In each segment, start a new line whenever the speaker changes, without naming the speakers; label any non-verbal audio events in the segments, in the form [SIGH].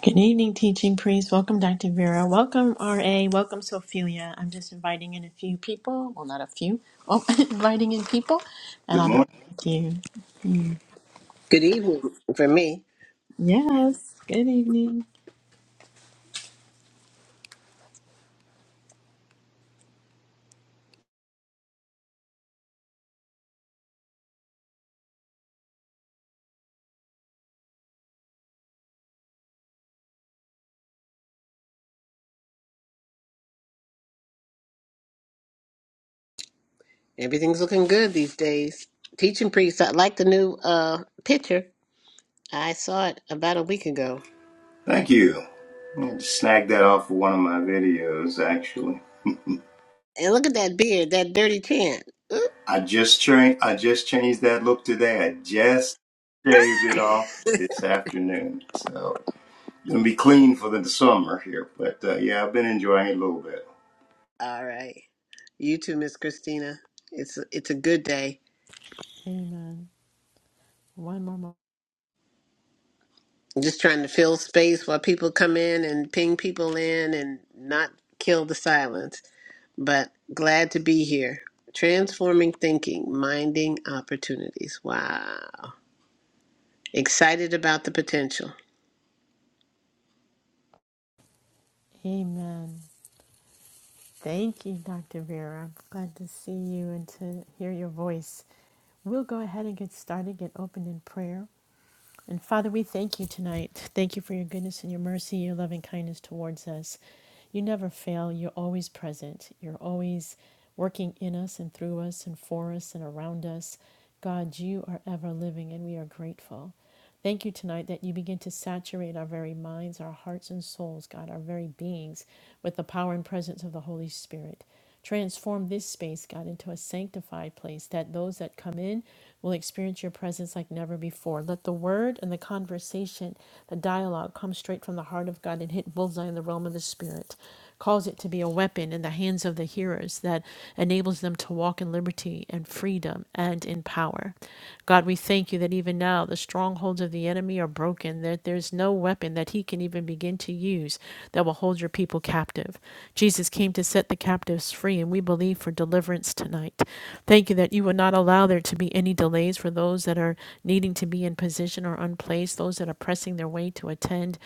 Good evening, teaching priest. Welcome, Dr. Vera. Welcome, RA. Welcome, Sophia. I'm just inviting in a few people. Well, not a few. Oh, [LAUGHS] inviting in people, and
Good
I'll be
morning.
back with you.
Good evening for me.
Yes. Good evening.
Everything's looking good these days. Teaching priest, I like the new uh picture. I saw it about a week ago.
Thank you. I snagged that off of one of my videos, actually.
And look at that beard, that dirty chin. Oop.
I just changed. I just changed that look today. I just shaved it off this afternoon, so gonna be clean for the summer here. But uh, yeah, I've been enjoying it a little bit.
All right. You too, Miss Christina. It's it's a good day.
Amen. One more moment.
I'm just trying to fill space while people come in and ping people in and not kill the silence. But glad to be here. Transforming thinking, minding opportunities. Wow. Excited about the potential.
Amen. Thank you, Dr. Vera. Glad to see you and to hear your voice. We'll go ahead and get started, get open in prayer. And Father, we thank you tonight. Thank you for your goodness and your mercy, your loving kindness towards us. You never fail. You're always present. You're always working in us and through us and for us and around us. God, you are ever living and we are grateful. Thank you tonight that you begin to saturate our very minds, our hearts and souls, God, our very beings with the power and presence of the Holy Spirit. Transform this space, God, into a sanctified place that those that come in will experience your presence like never before. Let the word and the conversation, the dialogue come straight from the heart of God and hit bullseye in the realm of the Spirit. Cause it to be a weapon in the hands of the hearers that enables them to walk in liberty and freedom and in power. God, we thank you that even now the strongholds of the enemy are broken, that there's no weapon that he can even begin to use that will hold your people captive. Jesus came to set the captives free, and we believe for deliverance tonight. Thank you that you will not allow there to be any delays for those that are needing to be in position or unplaced, those that are pressing their way to attend.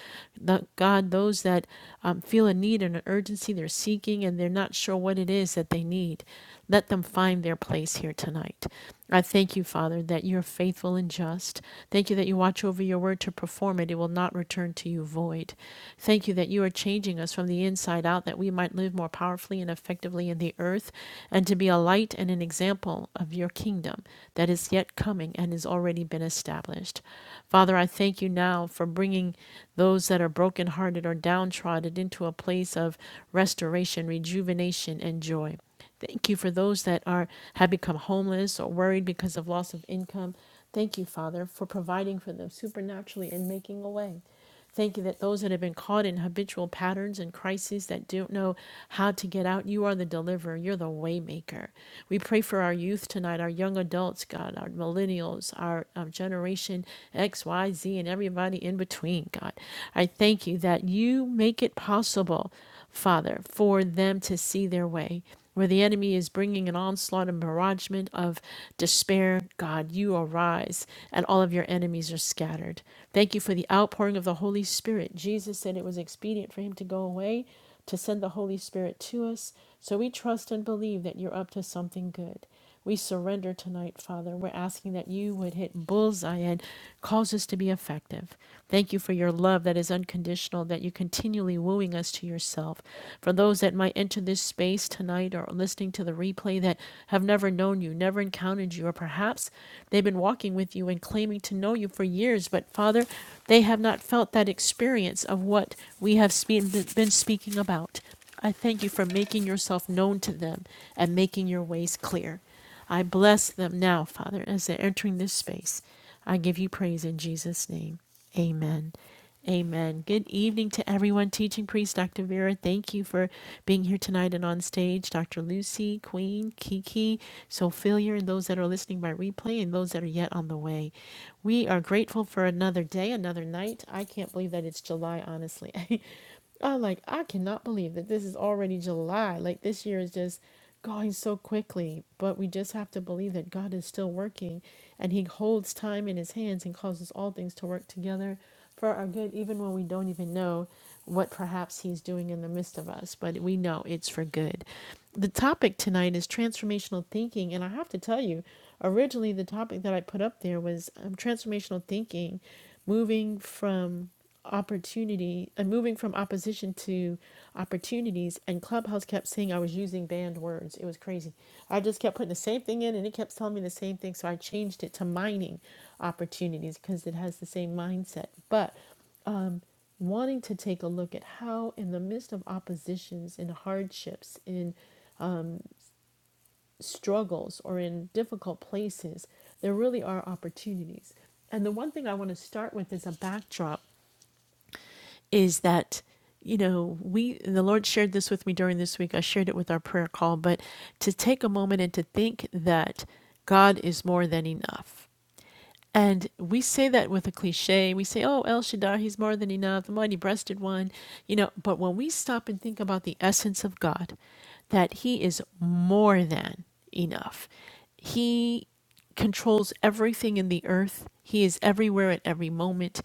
God, those that um, feel a need and an urgency, they're seeking and they're not sure what it is that they need. Let them find their place here tonight. I thank you, Father, that you're faithful and just. Thank you that you watch over your word to perform it. It will not return to you void. Thank you that you are changing us from the inside out that we might live more powerfully and effectively in the earth and to be a light and an example of your kingdom that is yet coming and has already been established. Father, I thank you now for bringing those that are brokenhearted or downtrodden into a place of restoration, rejuvenation, and joy. Thank you for those that are have become homeless or worried because of loss of income. Thank you, Father, for providing for them supernaturally and making a way. Thank you that those that have been caught in habitual patterns and crises that don't know how to get out, you are the deliverer. You're the waymaker. We pray for our youth tonight, our young adults, God, our millennials, our um, generation X, Y, Z, and everybody in between, God. I thank you that you make it possible. Father, for them to see their way. Where the enemy is bringing an onslaught and barragement of despair, God, you arise and all of your enemies are scattered. Thank you for the outpouring of the Holy Spirit. Jesus said it was expedient for him to go away to send the Holy Spirit to us. So we trust and believe that you're up to something good. We surrender tonight, Father. We're asking that you would hit bullseye and cause us to be effective. Thank you for your love that is unconditional, that you're continually wooing us to yourself. For those that might enter this space tonight or listening to the replay that have never known you, never encountered you, or perhaps they've been walking with you and claiming to know you for years, but Father, they have not felt that experience of what we have been speaking about. I thank you for making yourself known to them and making your ways clear. I bless them now, Father, as they're entering this space. I give you praise in Jesus' name. Amen. Amen. Good evening to everyone. Teaching priest Dr. Vera, thank you for being here tonight and on stage. Dr. Lucy, Queen, Kiki, Sophia, and those that are listening by replay and those that are yet on the way. We are grateful for another day, another night. I can't believe that it's July, honestly. [LAUGHS] I like I cannot believe that this is already July. Like this year is just going so quickly, but we just have to believe that God is still working and he holds time in his hands and causes all things to work together for our good even when we don't even know what perhaps he's doing in the midst of us, but we know it's for good. The topic tonight is transformational thinking and I have to tell you originally the topic that I put up there was um, transformational thinking moving from opportunity and moving from opposition to opportunities and clubhouse kept saying i was using banned words it was crazy i just kept putting the same thing in and it kept telling me the same thing so i changed it to mining opportunities because it has the same mindset but wanting to take a look at how in the midst of oppositions in hardships in struggles or in difficult places there really are opportunities and the one thing i want to start with is a backdrop is that you know we the lord shared this with me during this week i shared it with our prayer call but to take a moment and to think that god is more than enough and we say that with a cliche. We say, oh, El Shaddai, he's more than enough, the mighty breasted one. You know, but when we stop and think about the essence of God, that he is more than enough, he controls everything in the earth, he is everywhere at every moment.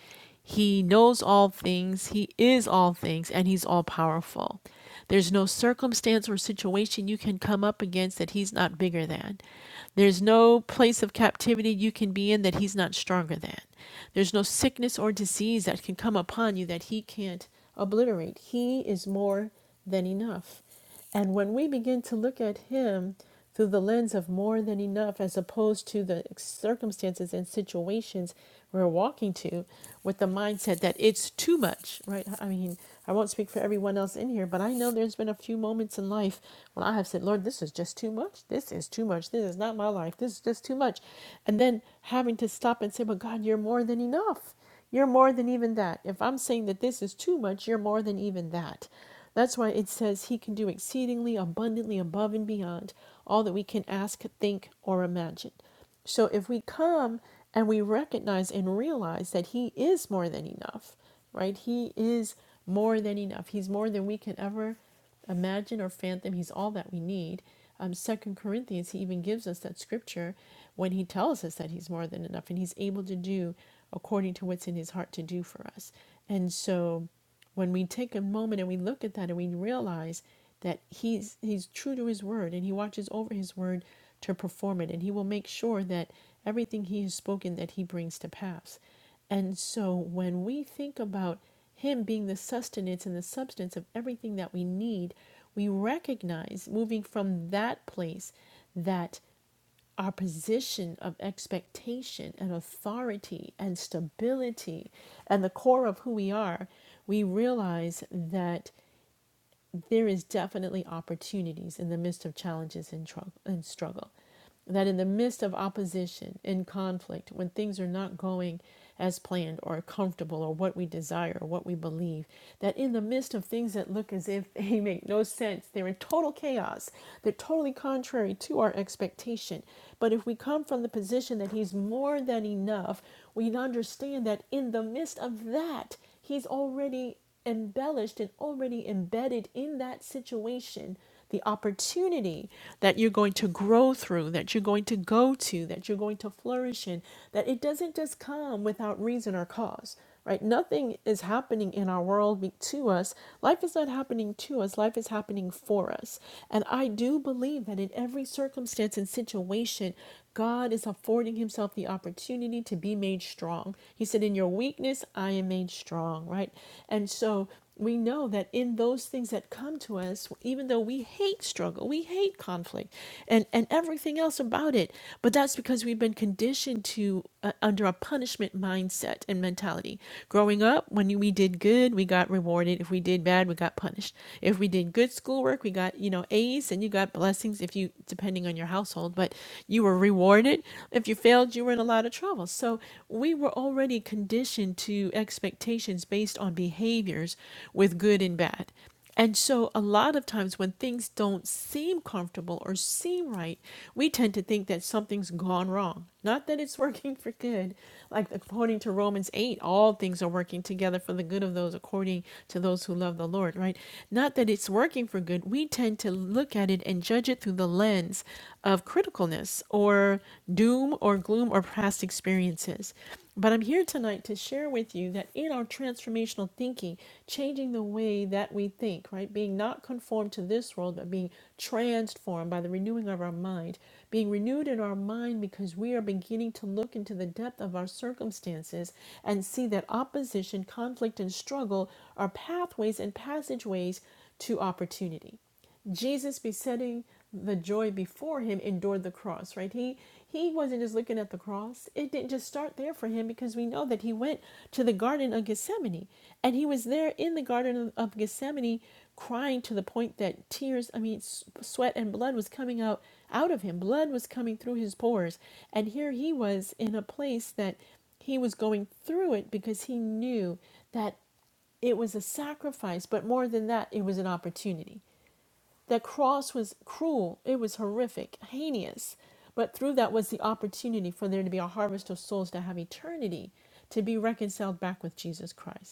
He knows all things, he is all things, and he's all powerful. There's no circumstance or situation you can come up against that he's not bigger than. There's no place of captivity you can be in that he's not stronger than. There's no sickness or disease that can come upon you that he can't obliterate. He is more than enough. And when we begin to look at Him through the lens of more than enough, as opposed to the circumstances and situations we're walking to, with the mindset that it's too much, right? I mean, I won't speak for everyone else in here, but I know there's been a few moments in life when I have said, Lord, this is just too much. This is too much. This is not my life. This is just too much. And then having to stop and say, But God, you're more than enough. You're more than even that. If I'm saying that this is too much, you're more than even that. That's why it says he can do exceedingly abundantly above and beyond all that we can ask, think, or imagine. So if we come and we recognize and realize that he is more than enough, right? He is more than enough. He's more than we can ever imagine or fathom. He's all that we need. Um, Second Corinthians, he even gives us that scripture when he tells us that he's more than enough and he's able to do according to what's in his heart to do for us. And so when we take a moment and we look at that and we realize that he's he's true to his word and he watches over his word to perform it and he will make sure that everything he has spoken that he brings to pass. And so when we think about him being the sustenance and the substance of everything that we need, we recognize moving from that place that our position of expectation and authority and stability and the core of who we are, we realize that there is definitely opportunities in the midst of challenges and, trou- and struggle. That in the midst of opposition and conflict, when things are not going as planned or comfortable or what we desire or what we believe, that in the midst of things that look as if they make no sense, they're in total chaos, they're totally contrary to our expectation. But if we come from the position that He's more than enough, we understand that in the midst of that, He's already embellished and already embedded in that situation the opportunity that you're going to grow through, that you're going to go to, that you're going to flourish in, that it doesn't just come without reason or cause, right? Nothing is happening in our world be- to us. Life is not happening to us, life is happening for us. And I do believe that in every circumstance and situation, God is affording himself the opportunity to be made strong. He said, In your weakness, I am made strong, right? And so we know that in those things that come to us, even though we hate struggle, we hate conflict and, and everything else about it, but that's because we've been conditioned to uh, under a punishment mindset and mentality. Growing up, when we did good, we got rewarded. If we did bad, we got punished. If we did good schoolwork, we got, you know, A's and you got blessings if you, depending on your your household, but you were rewarded. If you failed, you were in a lot of trouble. So we were already conditioned to expectations based on behaviors with good and bad. And so, a lot of times when things don't seem comfortable or seem right, we tend to think that something's gone wrong. Not that it's [LAUGHS] working for good. Like, according to Romans 8, all things are working together for the good of those according to those who love the Lord, right? Not that it's working for good. We tend to look at it and and judge it through the lens of criticalness or doom or gloom or past experiences. But I'm here tonight to share with you that in our transformational thinking, changing the way that we think, right? Being not conformed to this world, but being transformed by the renewing of our mind, being renewed in our mind because we are beginning to look into the depth of our circumstances and see that opposition, conflict, and struggle are pathways and passageways to opportunity Jesus besetting the joy before him endured the cross, right? He he wasn't just looking at the cross. It didn't just start there for him because we know that he went to the garden of Gethsemane and he was there in the garden of, Gethsemane crying to the point that tears, I mean sweat and blood was coming out out of him. Blood was coming through his pores. And here he was in a place that he was going through it because he knew that it was a sacrifice, but more than that, it was an opportunity the cross was cruel, it was horrific, heinous, but through that was the opportunity for there to be a harvest of souls to have eternity, to be reconciled back with Jesus Christ.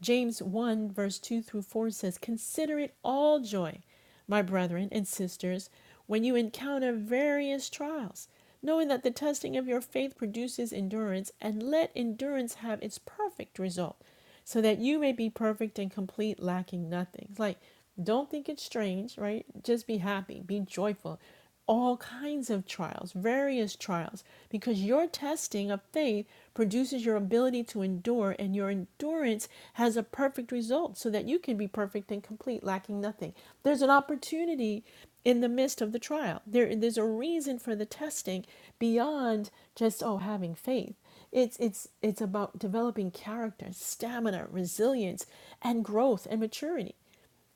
James 1, verse 2 through 4 says, Consider it all joy, my brethren and sisters, when you encounter various trials, knowing that the testing of your faith produces endurance, and let endurance have its perfect result, so that you may be perfect and complete, lacking nothing. Like, don't think it's strange, right? Just be happy, be joyful, all kinds of trials, various trials, because your testing of faith produces your ability to endure, and your endurance has a perfect result so that you can be perfect and complete, lacking nothing. There's an opportunity in the midst of the trial. There, there's a reason for the testing beyond just, oh, having faith. It's it's it's about developing character, stamina, resilience, and growth and maturity.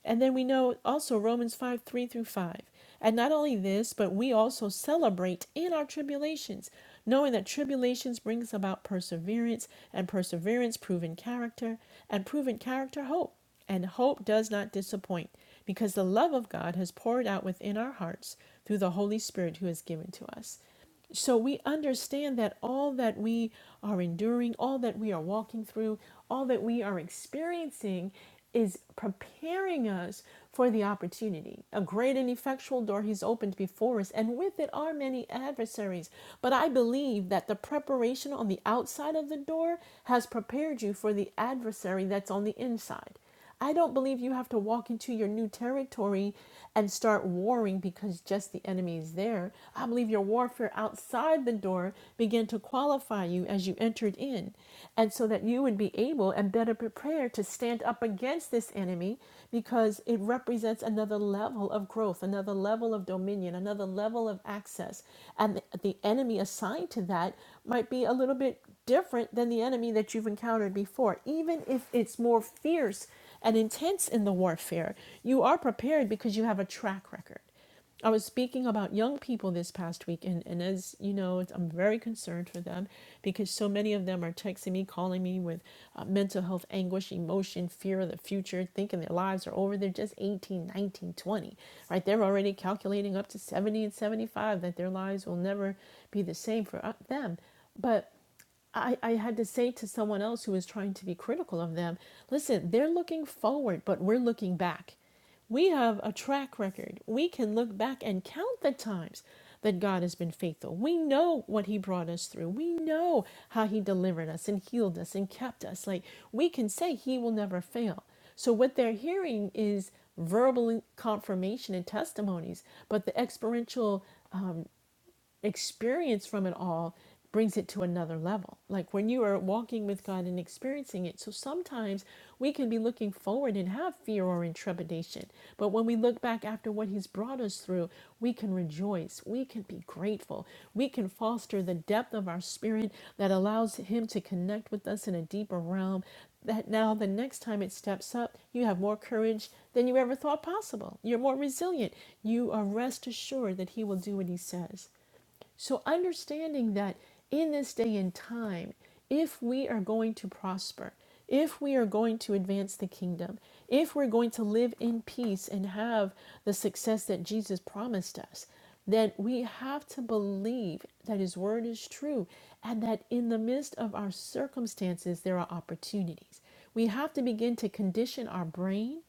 And then we know also Romans 5 3 through 5. And not only this, but we also celebrate in our tribulations, knowing that tribulations brings about perseverance, and perseverance proven character, and proven character hope. And hope does not disappoint, because the love of God has poured out within our hearts through the Holy Spirit who is given to us. So we understand that all that we are enduring, all that we are walking through, all that we are experiencing is preparing us for the opportunity. A great and effectual door he's opened before us, and with it are many adversaries. But I believe that the preparation on the outside of the door has prepared you for the adversary that's on the inside. I don't believe you have to walk into your new territory and start warring because just the enemy is there. I believe your warfare outside the door began to qualify you as you entered in, and so that you would be able and better prepared to stand up against this enemy because it represents another level of growth, another level of dominion, another level of access. And the, the enemy assigned to that might be a little bit different than the enemy that you've encountered before, even if it's more fierce and intense in the warfare, you are prepared because you have a track record. I was speaking about young people this past week, and, and as you know, I'm very concerned for them because so many of them are texting me, calling me with uh, mental health anguish, emotion, fear of the future, thinking their lives are over. They're just 18, 19, 20, right? They're already calculating up to 70 and 75 that their lives will never be the same for uh, them. But I, I had to say to someone else who was trying to be critical of them, listen, they're looking forward, but we're looking back. We have a track record. We can look back and count the times that God has been faithful. We know what He brought us through. We know how He delivered us and healed us and kept us. Like we can say He will never fail. So what they're hearing is verbal confirmation and testimonies, but the experiential experience from it all brings it to another level. Like when you are walking with God and experiencing it. So sometimes we can be looking forward and have fear or intrepidation. But when we look back after what He's brought us through, we can rejoice. We can be grateful. We can foster the depth of our spirit that allows Him to connect with us in a deeper realm. That now the next time it steps up, you have more courage than you ever thought possible. You're more resilient. You are rest assured that He will do what He says. So, understanding that in this day and time, if we are going to prosper, if we are going to advance the kingdom, if we're going to live in peace and have the success that Jesus promised us, then we have to believe that His word is true and that in the midst of our circumstances, there are opportunities. We have to begin to condition our brain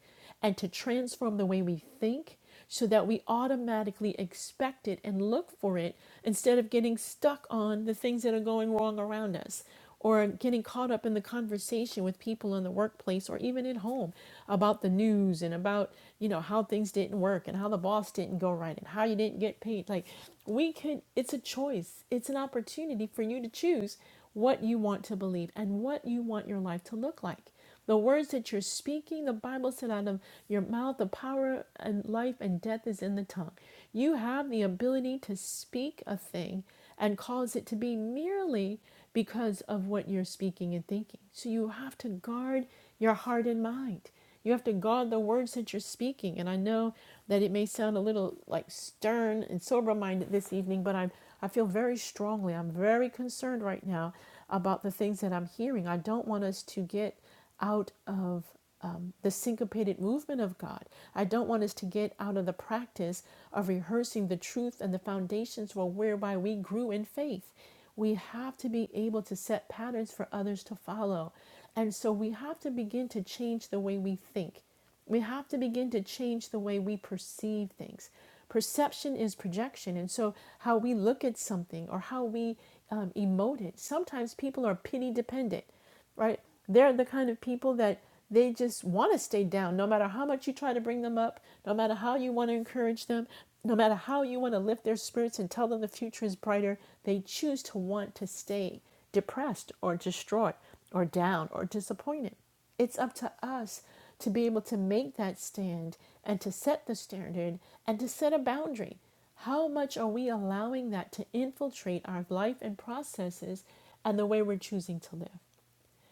and to transform the way we think so that we automatically expect it and look for it instead of getting stuck on the things that are going wrong around us or getting caught up in the conversation with people in the workplace or even at home about the news and about you know how things didn't work and how the boss didn't go right and how you didn't get paid like we could it's a choice it's an opportunity for you to choose what you want to believe and what you want your life to look like the words that you're speaking, the Bible said, out of your mouth, the power and life and death is in the tongue. You have the ability to speak a thing and cause it to be merely because of what you're speaking and thinking. So you have to guard your heart and mind. You have to guard the words that you're speaking. And I know that it may sound a little like stern and sober minded this evening, but I'm I feel very strongly. I'm very concerned right now about the things that I'm hearing. I don't want us to get out of um, the syncopated movement of God. I don't want us to get out of the practice of rehearsing the truth and the foundations for whereby we grew in faith. We have to be able to set patterns for others to follow. And so we have to begin to change the way we think. We have to begin to change the way we perceive things. Perception is projection, and so how we look at something or how we um, emote it. Sometimes people are pity dependent, right? They're the kind of people that they just want to stay down no matter how much you try to bring them up, no matter how you want to encourage them, no matter how you want to lift their spirits and tell them the future is brighter. They choose to want to stay depressed or distraught or down or disappointed. It's up to us to be able to make that stand and to set the standard and to set a boundary. How much are we allowing that to infiltrate our life and processes and the way we're choosing to live?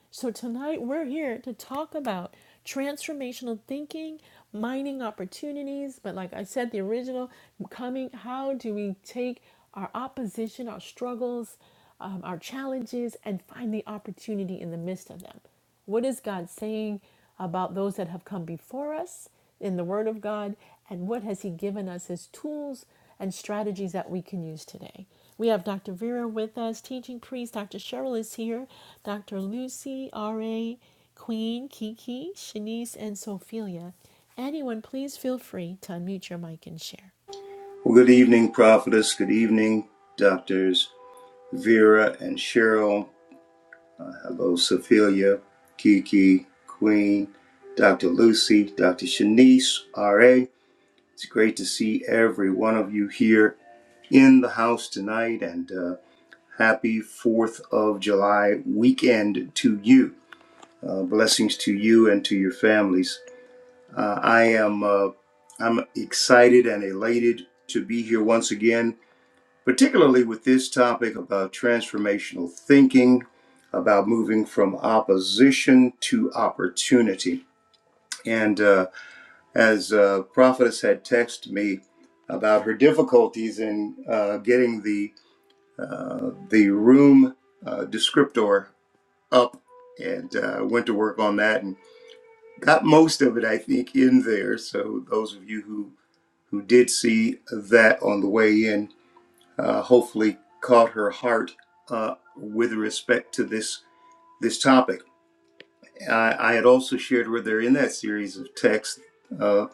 So, tonight we're here to talk about transformational thinking, mining opportunities, but like I said, the original coming, how do we take our opposition, our struggles, um, our challenges, and find the opportunity in the midst of them? What is God saying about those that have come before us in the Word of God? And what has He given us as tools and strategies that we can use today? We have Dr. Vera with us, teaching priest. Dr. Cheryl is here. Dr. Lucy, R.A., Queen, Kiki, Shanice, and Sophia. Anyone, please feel free to unmute your mic and share.
Well, good evening, prophetess. Good evening, doctors Vera and Cheryl. Hello, Sophia, Kiki, Queen, Dr. Lucy, Dr. Shanice, R.A. It's great to see every one of you here in the house tonight, and uh, happy 4th of July weekend to you. Uh, blessings to you and to your families. Uh, I am uh, I'm excited and elated to be here once again, particularly with this topic about transformational thinking, about moving from opposition to opportunity. And uh, as uh, prophetess had texted me about her difficulties in uh, getting the uh, the room uh, descriptor up and uh, went to work on that and got most of it, I think, in there. So those of you who who did see that on the way in, uh, hopefully caught her heart uh, with respect to this this topic. I, I had also shared with her in that series of texts uh,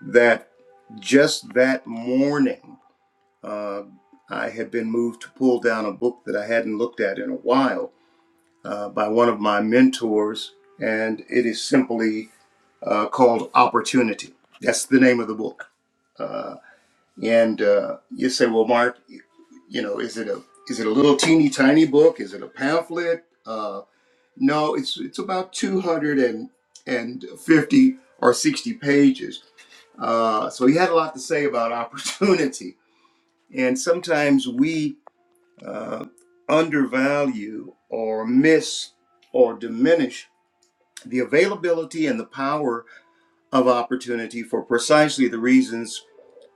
that just that morning. Uh, I had been moved to pull down a book that I hadn't looked at in a while, uh, by one of my mentors, and it is simply uh, called Opportunity. That's the name of the book. Uh, and uh, you say, well, Mark, you know, is it a is it a little teeny tiny book? Is it a pamphlet? Uh, no, it's it's about two hundred and and fifty or sixty pages. Uh, so he had a lot to say about [LAUGHS] opportunity, and sometimes we uh, undervalue or miss or diminish the availability and the power of opportunity for precisely the reasons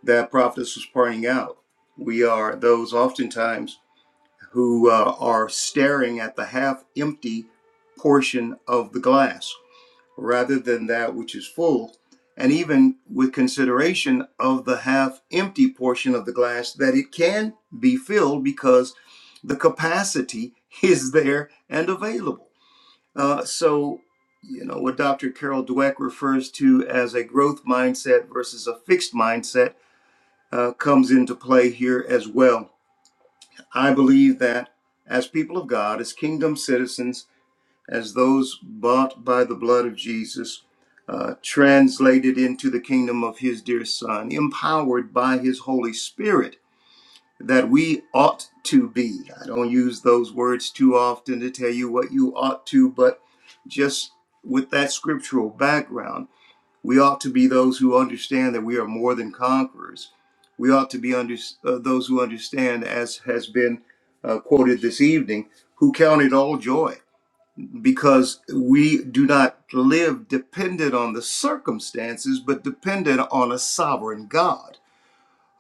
that Prophetess was pointing out. We are those oftentimes who uh, are staring at the half empty portion of the glass rather than that which is full, and even with consideration of the half empty portion of the glass that it can be filled because the capacity is there and available. Uh, so, you know, what Dr. Carol Dweck refers to as a growth mindset versus a fixed mindset uh, comes into play here as well. I believe that as people of God, as kingdom citizens, as those bought by the blood of Jesus, uh, translated into the kingdom of his dear Son, empowered by his Holy Spirit, that we ought to be. I don't use those words too often to tell you what you ought to, but just with that scriptural background, we ought to be those who understand that we are more than conquerors. We ought to be under, uh, those who understand, as has been uh, quoted this evening, who count it all joy because we do not live dependent on the circumstances, but dependent on a sovereign God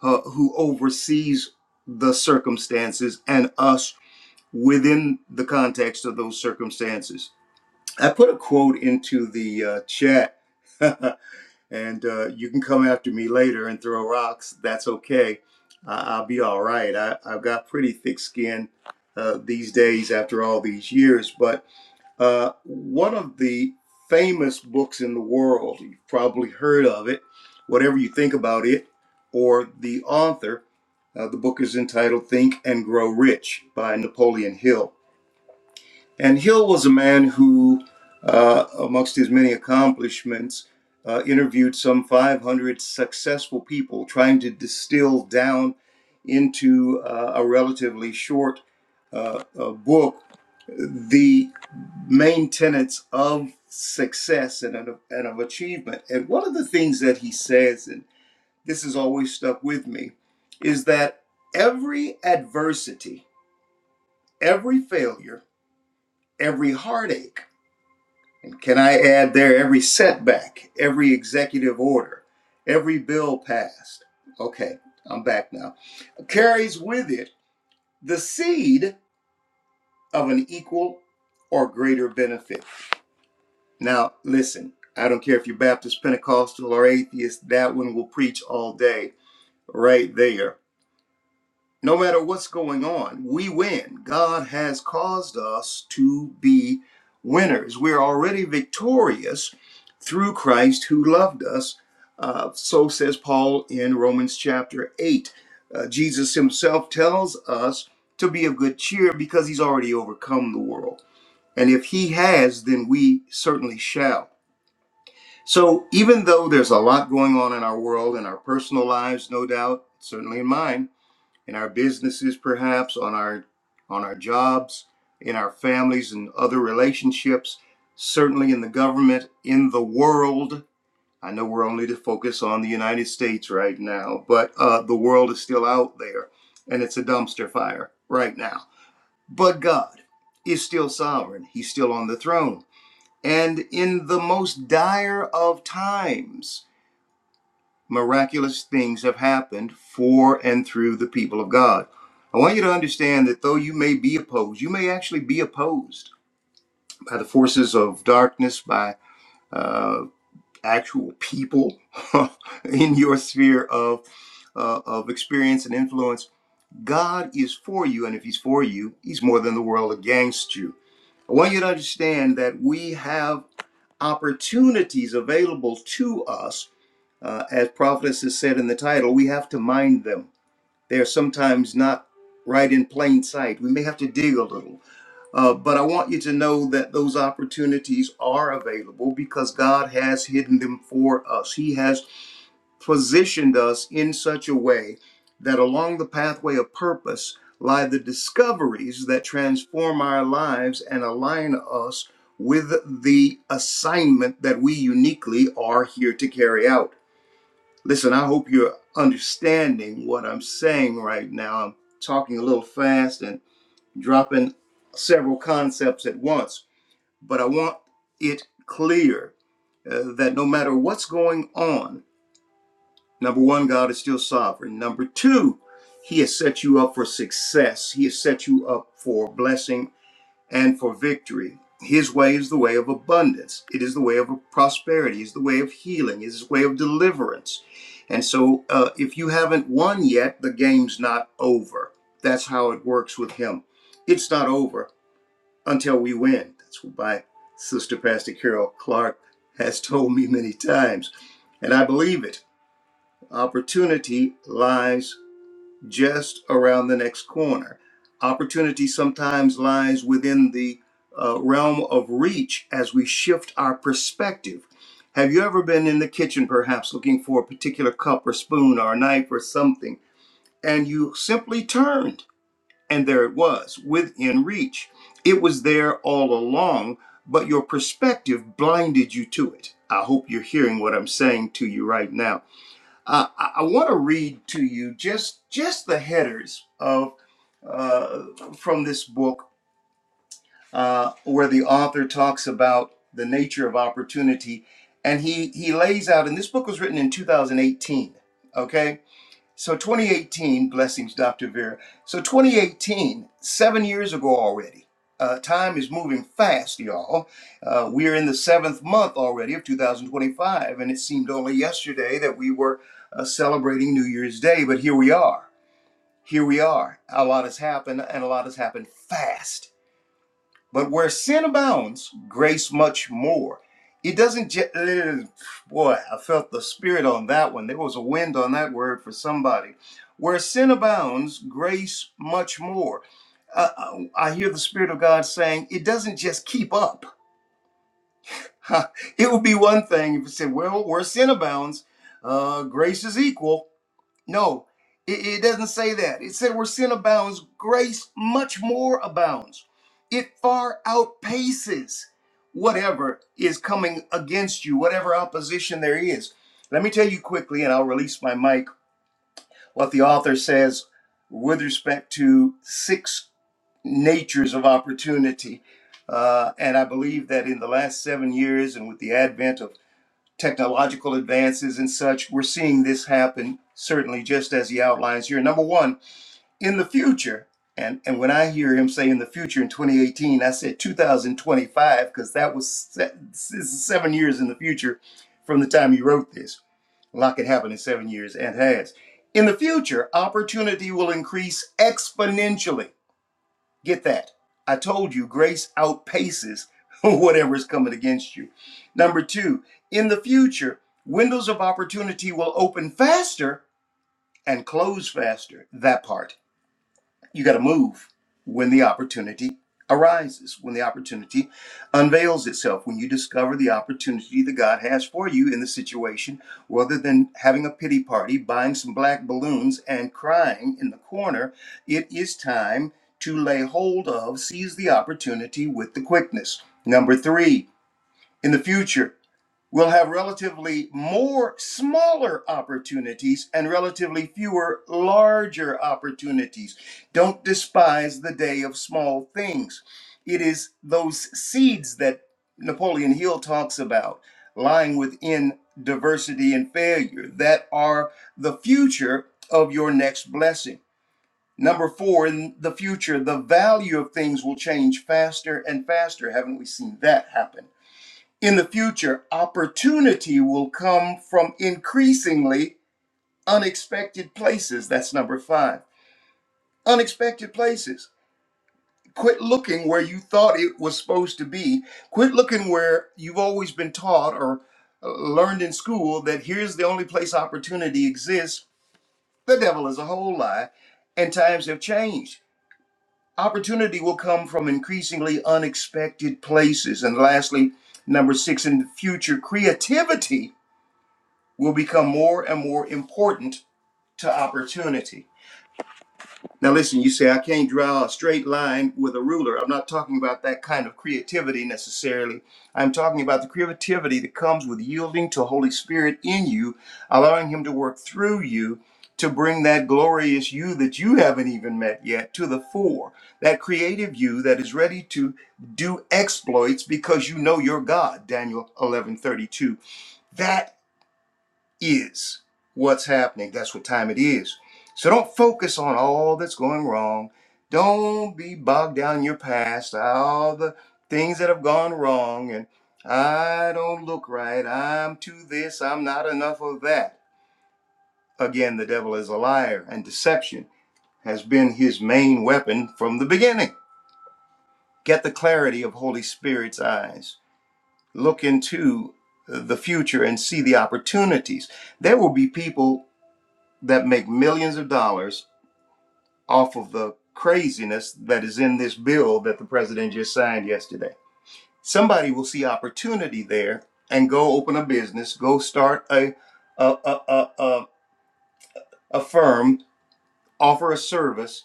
uh, who oversees the circumstances and us within the context of those circumstances. I put a quote into the uh, chat, [LAUGHS] and uh, you can come after me later and throw rocks. That's okay. I- I'll be all right. I- I've got pretty thick skin uh, these days after all these years, but uh, one of the famous books in the world, you've probably heard of it, whatever you think about it, or the author. Uh, the book is entitled Think and Grow Rich by Napoleon Hill. And Hill was a man who, uh, amongst his many accomplishments, uh, interviewed some 500 successful people, trying to distill down into uh, a relatively short uh, uh, book the main tenets of success and of, and of achievement. And one of the things that he says, and this has always stuck with me, is that every adversity, every failure, every heartache, and can I add there, every setback, every executive order, every bill passed, okay, I'm back now, carries with it the seed of an equal or greater benefit. Now, listen, I don't care if you're Baptist, Pentecostal, or atheist, that one will preach all day right there. No matter what's going on, we win. God has caused us to be winners. We're already victorious through Christ who loved us. Uh, so says Paul in Romans chapter 8. Uh, Jesus himself tells us to be of good cheer because he's already overcome the world. And if he has, then we certainly shall. So, even though there's a lot going on in our world, in our personal lives, no doubt, certainly in mine, in our businesses, perhaps, on our on our jobs, in our families and other relationships, certainly in the government, in the world. I know we're only to focus on the United States right now, but uh, the world is still out there, and it's a dumpster fire right now. But God is still sovereign; He's still on the throne, and in the most dire of times miraculous things have happened for and through the people of God. I want you to understand that though you may be opposed, you may actually be opposed by the forces of darkness, by uh, actual people [LAUGHS] in your sphere of uh, of experience and influence. God is for you, and if He's for you, He's more than the world against you. I want you to understand that we have opportunities available to us uh, as prophetess has said in the title, we have to mind them. They are sometimes not right in plain sight. We may have to dig a little. Uh, but I want you to know that those opportunities are available because God has hidden them for us. He has positioned us in such a way that along the pathway of purpose lie the discoveries that transform our lives and align us with the assignment that we uniquely are here to carry out. Listen, I hope you're understanding what I'm saying right now. I'm talking a little fast and dropping several concepts at once, but I want it clear uh, that no matter what's going on, number one, God is still sovereign. Number two, He has set you up for success, He has set you up for blessing and for victory. His way is the way of abundance. It is the way of prosperity. It's the way of healing. It's the way of deliverance. And so, uh, if you haven't won yet, the game's not over. That's how it works with him. It's not over until we win. That's what my sister, Pastor Carol Clark, has [LAUGHS] told me many times. And I believe it. Opportunity lies just around the next corner. Opportunity sometimes lies within the uh, realm of reach as we shift our perspective. Have you ever been in the kitchen, perhaps looking for a particular cup or spoon or a knife or something, and you simply turned, and there it was within reach? It was there all along, but your perspective blinded you to it. I hope you're hearing what I'm saying to you right now uh, I, I want to read to you just just the headers of uh, from this book, uh, where the author talks about the nature of opportunity, and he he lays out. And this book was written in 2018. Okay, so 2018, blessings, Dr. Vera. So 2018, seven years ago already. Uh, time is moving fast, y'all. Uh, we're in the seventh month already of 2025, and it seemed only yesterday that we were uh, celebrating New Year's Day, but here we are. Here we are. A lot has happened, and a lot has happened fast. But where sin abounds, grace much more. It doesn't, just. boy, I felt the spirit on that one. There was a wind on that word for somebody. Where sin abounds, grace much more. Uh, I I hear the Spirit of God saying, it doesn't just keep up. [LAUGHS] It would be one thing if it said, well, where sin abounds, uh, grace is equal. No, it, it doesn't say that. It said where sin abounds, grace much more abounds. It far outpaces whatever is coming against you, whatever opposition there is. Let me tell you quickly, and I'll release my mic, what the author says with respect to six natures of opportunity. Uh, and I believe that in the last seven years, and with the advent of technological advances and such, we're seeing this happen certainly just as he outlines here. Number one, in the future, and, and when I hear him say in the future in 2018, I said 2025 because that was se- this is seven years in the future from the time he wrote this. A lot could happen in seven years and has. In the future, opportunity will increase exponentially Get that. I told you, grace outpaces [LAUGHS] whatever is coming against you. Number two, in the future, windows of opportunity will open faster and close faster. That part. You got to move when the opportunity arises, when the opportunity unveils itself, when you discover the opportunity that God has for you in the situation, rather than having a pity party, buying some black balloons, and crying in the corner. It is time to lay hold of, seize the opportunity with the quickness. Number three, in the future. We'll have relatively more smaller opportunities and relatively fewer larger opportunities. Don't despise the day of small things. It is those seeds that Napoleon Hill talks about lying within diversity and failure that are the future of your next blessing. Number four, in the future, the value of things will change faster and faster. Haven't we seen that happen? In the future, opportunity will come from increasingly unexpected places. That's number five. Unexpected places. Quit looking where you thought it was supposed to be. Quit looking where you've always been taught or uh, learned in school that here's the only place opportunity exists. The devil is a whole lie, and times have changed. Opportunity will come from increasingly unexpected places. And lastly, number six, in the future, creativity will become more and more important to opportunity. Now, listen, you say, I can't draw a straight line with a ruler. I'm not talking about that kind of creativity necessarily. I'm talking about the creativity that comes with yielding to Holy Spirit in you, allowing Him to work through you to bring that glorious you that you haven't even met yet to the fore. That creative you that is ready to do exploits because you know your God, Daniel 11:32. That is what's happening. That's what time it is. So don't focus on all that's going wrong. Don't be bogged down in your past, all the things that have gone wrong, and I don't look right. I'm too this. I'm not enough of that. Again, the devil is a liar, and deception has been his main weapon from the beginning. Get the clarity of Holy Spirit's eyes. Look into the future and see the opportunities. There will be people that make millions of dollars off of the craziness that is in this bill that the president just signed yesterday. Somebody will see opportunity there and go open a business, go start a a a a, a, a firm, offer a service,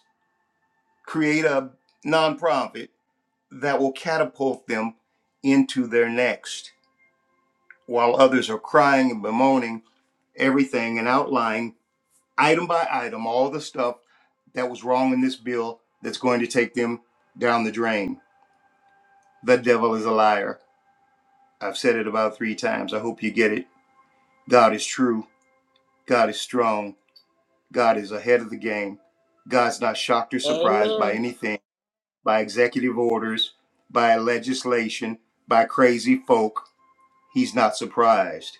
create a nonprofit that will catapult them into their next while others are crying and bemoaning everything and outlying item by item, all the stuff that was wrong in this bill that's going to take them down the drain. The devil is a liar. I've said it about three times. I hope you get it. God is true. God is strong. God is ahead of the game. God's not shocked or surprised by
Amen.
anything, by executive orders, by legislation, by crazy folk. He's not surprised.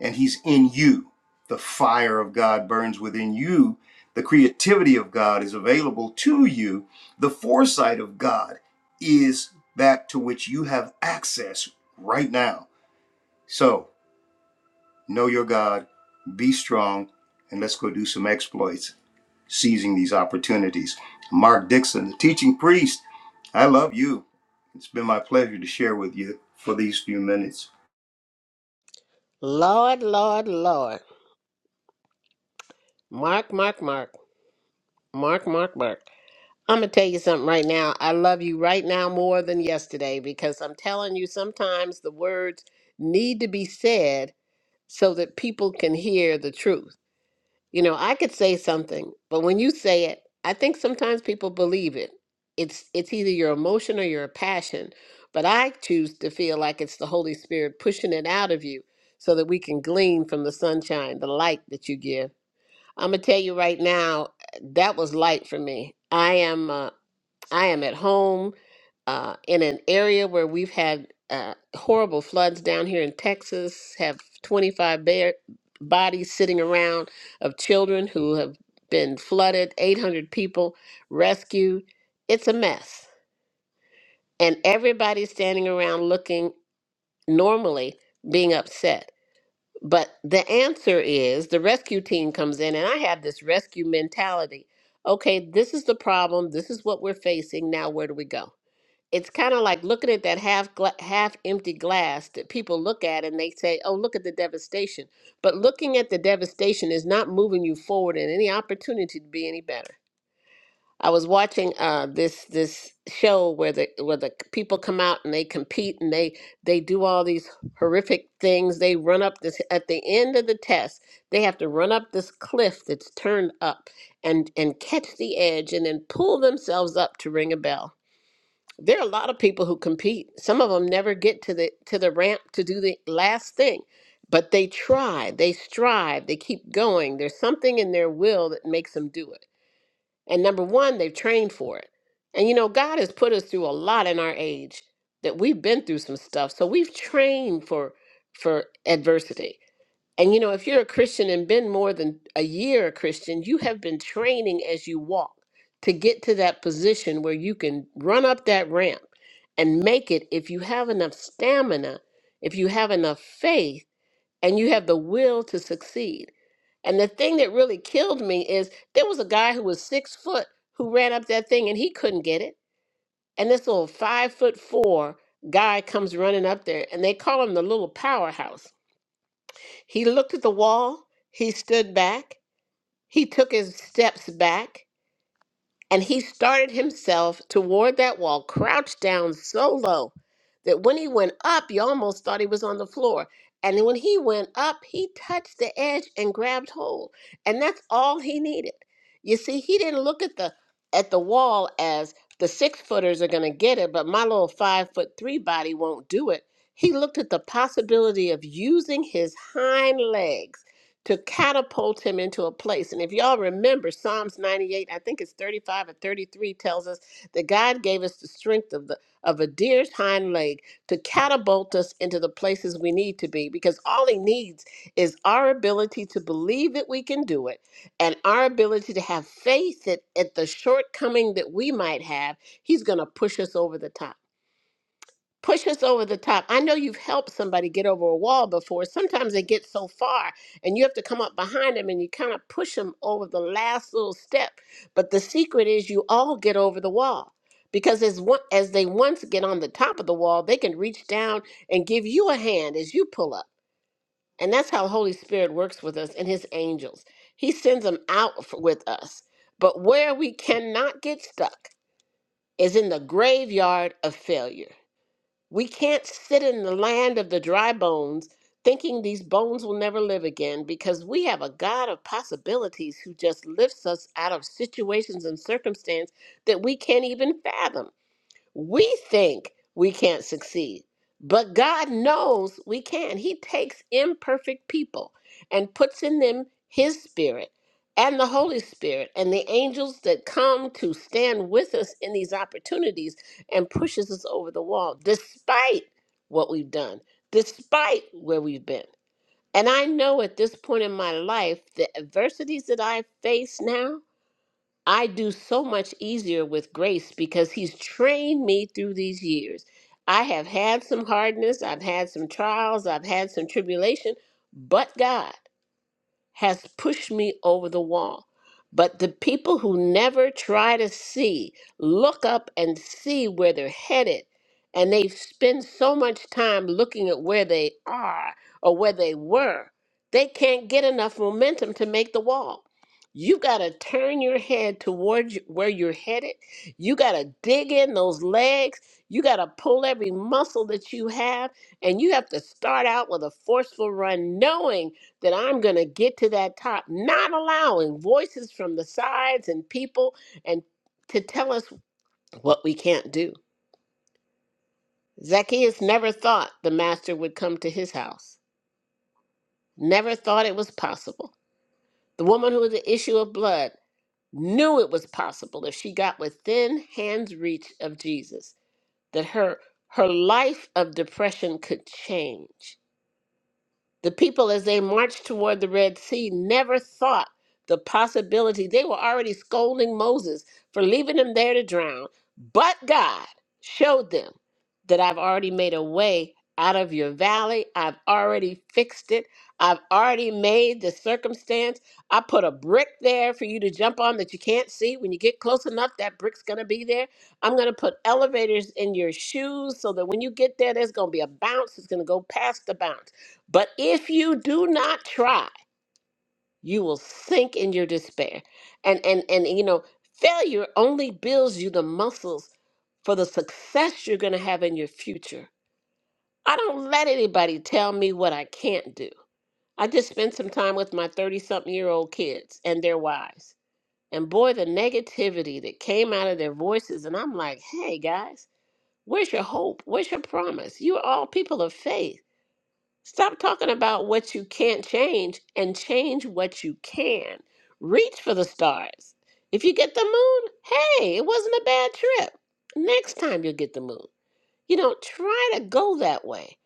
and he's in you. The fire of God burns within you. The creativity of God is available to you. The foresight of God is that to which you have access right now. So, know your God, be strong, and let's go do some exploits, seizing these opportunities. Mark Dixon, the teaching priest, I love you. It's been my pleasure to share with you for these few minutes.
Lord, Lord, Lord. Mark, Mark, Mark. Mark, Mark, Mark. I'm going to tell you something right now. I love you right now more than yesterday because I'm telling you, sometimes the words need to be said so that people can hear the truth. You know, I could say something, but when you say it, I think sometimes people believe it. It's it's either your emotion or your passion, but I choose to feel like it's the Holy Spirit pushing it out of you so that we can glean from the sunshine, the light that you give. I'm gonna tell you right now, that was light for me. I am uh, I am at home uh, in an area where we've had uh, horrible floods down here in Texas. Have 25 bare bodies sitting around of children who have been flooded. 800 people rescued. It's a mess, and everybody's standing around looking normally being upset but the answer is the rescue team comes in, and I have this rescue mentality. Okay, this is the problem. This is what we're facing. Now, where do we go? It's kind of like looking at that half gla- half empty glass that people look at and they say, "Oh, look at the devastation." But looking at the devastation is not moving you forward in any opportunity to be any better. I was watching uh, this this show where the where the people come out and they compete and they they do all these horrific things. They run up this at the end of the test. They have to run up this cliff that's turned up and and catch the edge and then pull themselves up to ring a bell. There are a lot of people who compete. Some of them never get to the to the ramp to do the last thing, but they try. They strive. They keep going. There's something in their will that makes them do it. And number one, they've trained for it. And you know, God has put us through a lot in our age that we've been through some stuff. So we've trained for for adversity. And you know, if you're a Christian and been more than a year a Christian, you have been training as you walk to get to that position where you can run up that ramp and make it if you have enough stamina, if you have enough faith and you have the will to succeed. And the thing that really killed me is there was a guy who was six foot who ran up that thing and he couldn't get it. And this little five foot four guy comes running up there and they call him the little powerhouse. He looked at the wall, he stood back, he took his steps back, and he started himself toward that wall, crouched down so low that when he went up, you almost thought he was on the floor. And when he went up, he touched the edge and grabbed hold. And that's all he needed. You see, he didn't look at the at the wall as the six footers are gonna get it, but my little five foot three body won't do it. He looked at the possibility of using his hind legs to catapult him into a place. And if y'all remember Psalms 98, I think it's 35 or 33 tells us that God gave us the strength of the of a deer's hind leg to catapult us into the places we need to be because all he needs is our ability to believe that we can do it and our ability to have faith that at the shortcoming that we might have, he's going to push us over the top push us over the top. I know you've helped somebody get over a wall before. Sometimes they get so far and you have to come up behind them and you kind of push them over the last little step. But the secret is you all get over the wall. Because as one, as they once get on the top of the wall, they can reach down and give you a hand as you pull up. And that's how the Holy Spirit works with us and his angels. He sends them out f- with us. But where we cannot get stuck is in the graveyard of failure we can't sit in the land of the dry bones thinking these bones will never live again because we have a God of possibilities who just lifts us out of situations and circumstance that we can't even fathom. We think we can't succeed, but God knows we can. He takes imperfect people and puts in them His Spirit and the Holy Spirit and the angels that come to stand with us in these opportunities and pushes us over the wall, despite what we've done, despite where we've been. And I know at this point in my life, the adversities that I face now. I do so much easier with grace because he's trained me through these years. I have had some hardness, I've had some trials, I've had some tribulation, but God has pushed me over the wall. But the people who never try to see, look up and see where they're headed. And they spend so much time looking at where they are or where they were, they can't get enough momentum to make the wall. You got to turn your head towards y- where you're headed. You got to dig in those legs. You got to pull every muscle that you have. And you have to start out with a forceful run, knowing that I'm going to get to that top, not allowing voices from the sides and people and to tell us what we can't do. Zacchaeus never thought the master would come to his house, never thought it was possible. The woman who was the issue of blood knew it was possible if she got within hand's reach of Jesus, that her her life of depression could change The people, as they marched toward the Red Sea, never thought the possibility. They were already scolding Moses for leaving him there to drown. But God showed them that I've already made a way out of your valley. I've already fixed it. I've already made the circumstance. I put a brick there for you to jump on that you can't see. When you get close enough, that brick's going to be there. I'm going to put elevators in your shoes so that when you get there, there's going to be a bounce. It's going to go past the bounce. But if you do not try, you will sink in your despair. And and and you know, failure only builds you the muscles for the success you're going to have in your future. I don't let anybody tell me what I can't do. I just spent some time with my 30 something year old kids and their wives. And boy, the negativity that came out of their voices. And I'm like, hey, guys, where's your hope? Where's your promise? You're all people of faith Stop talking about what you can't change and change what you can. Reach for the stars. If you get the moon, hey, it wasn't a bad trip. Next time you'll get the moon you know try to go that way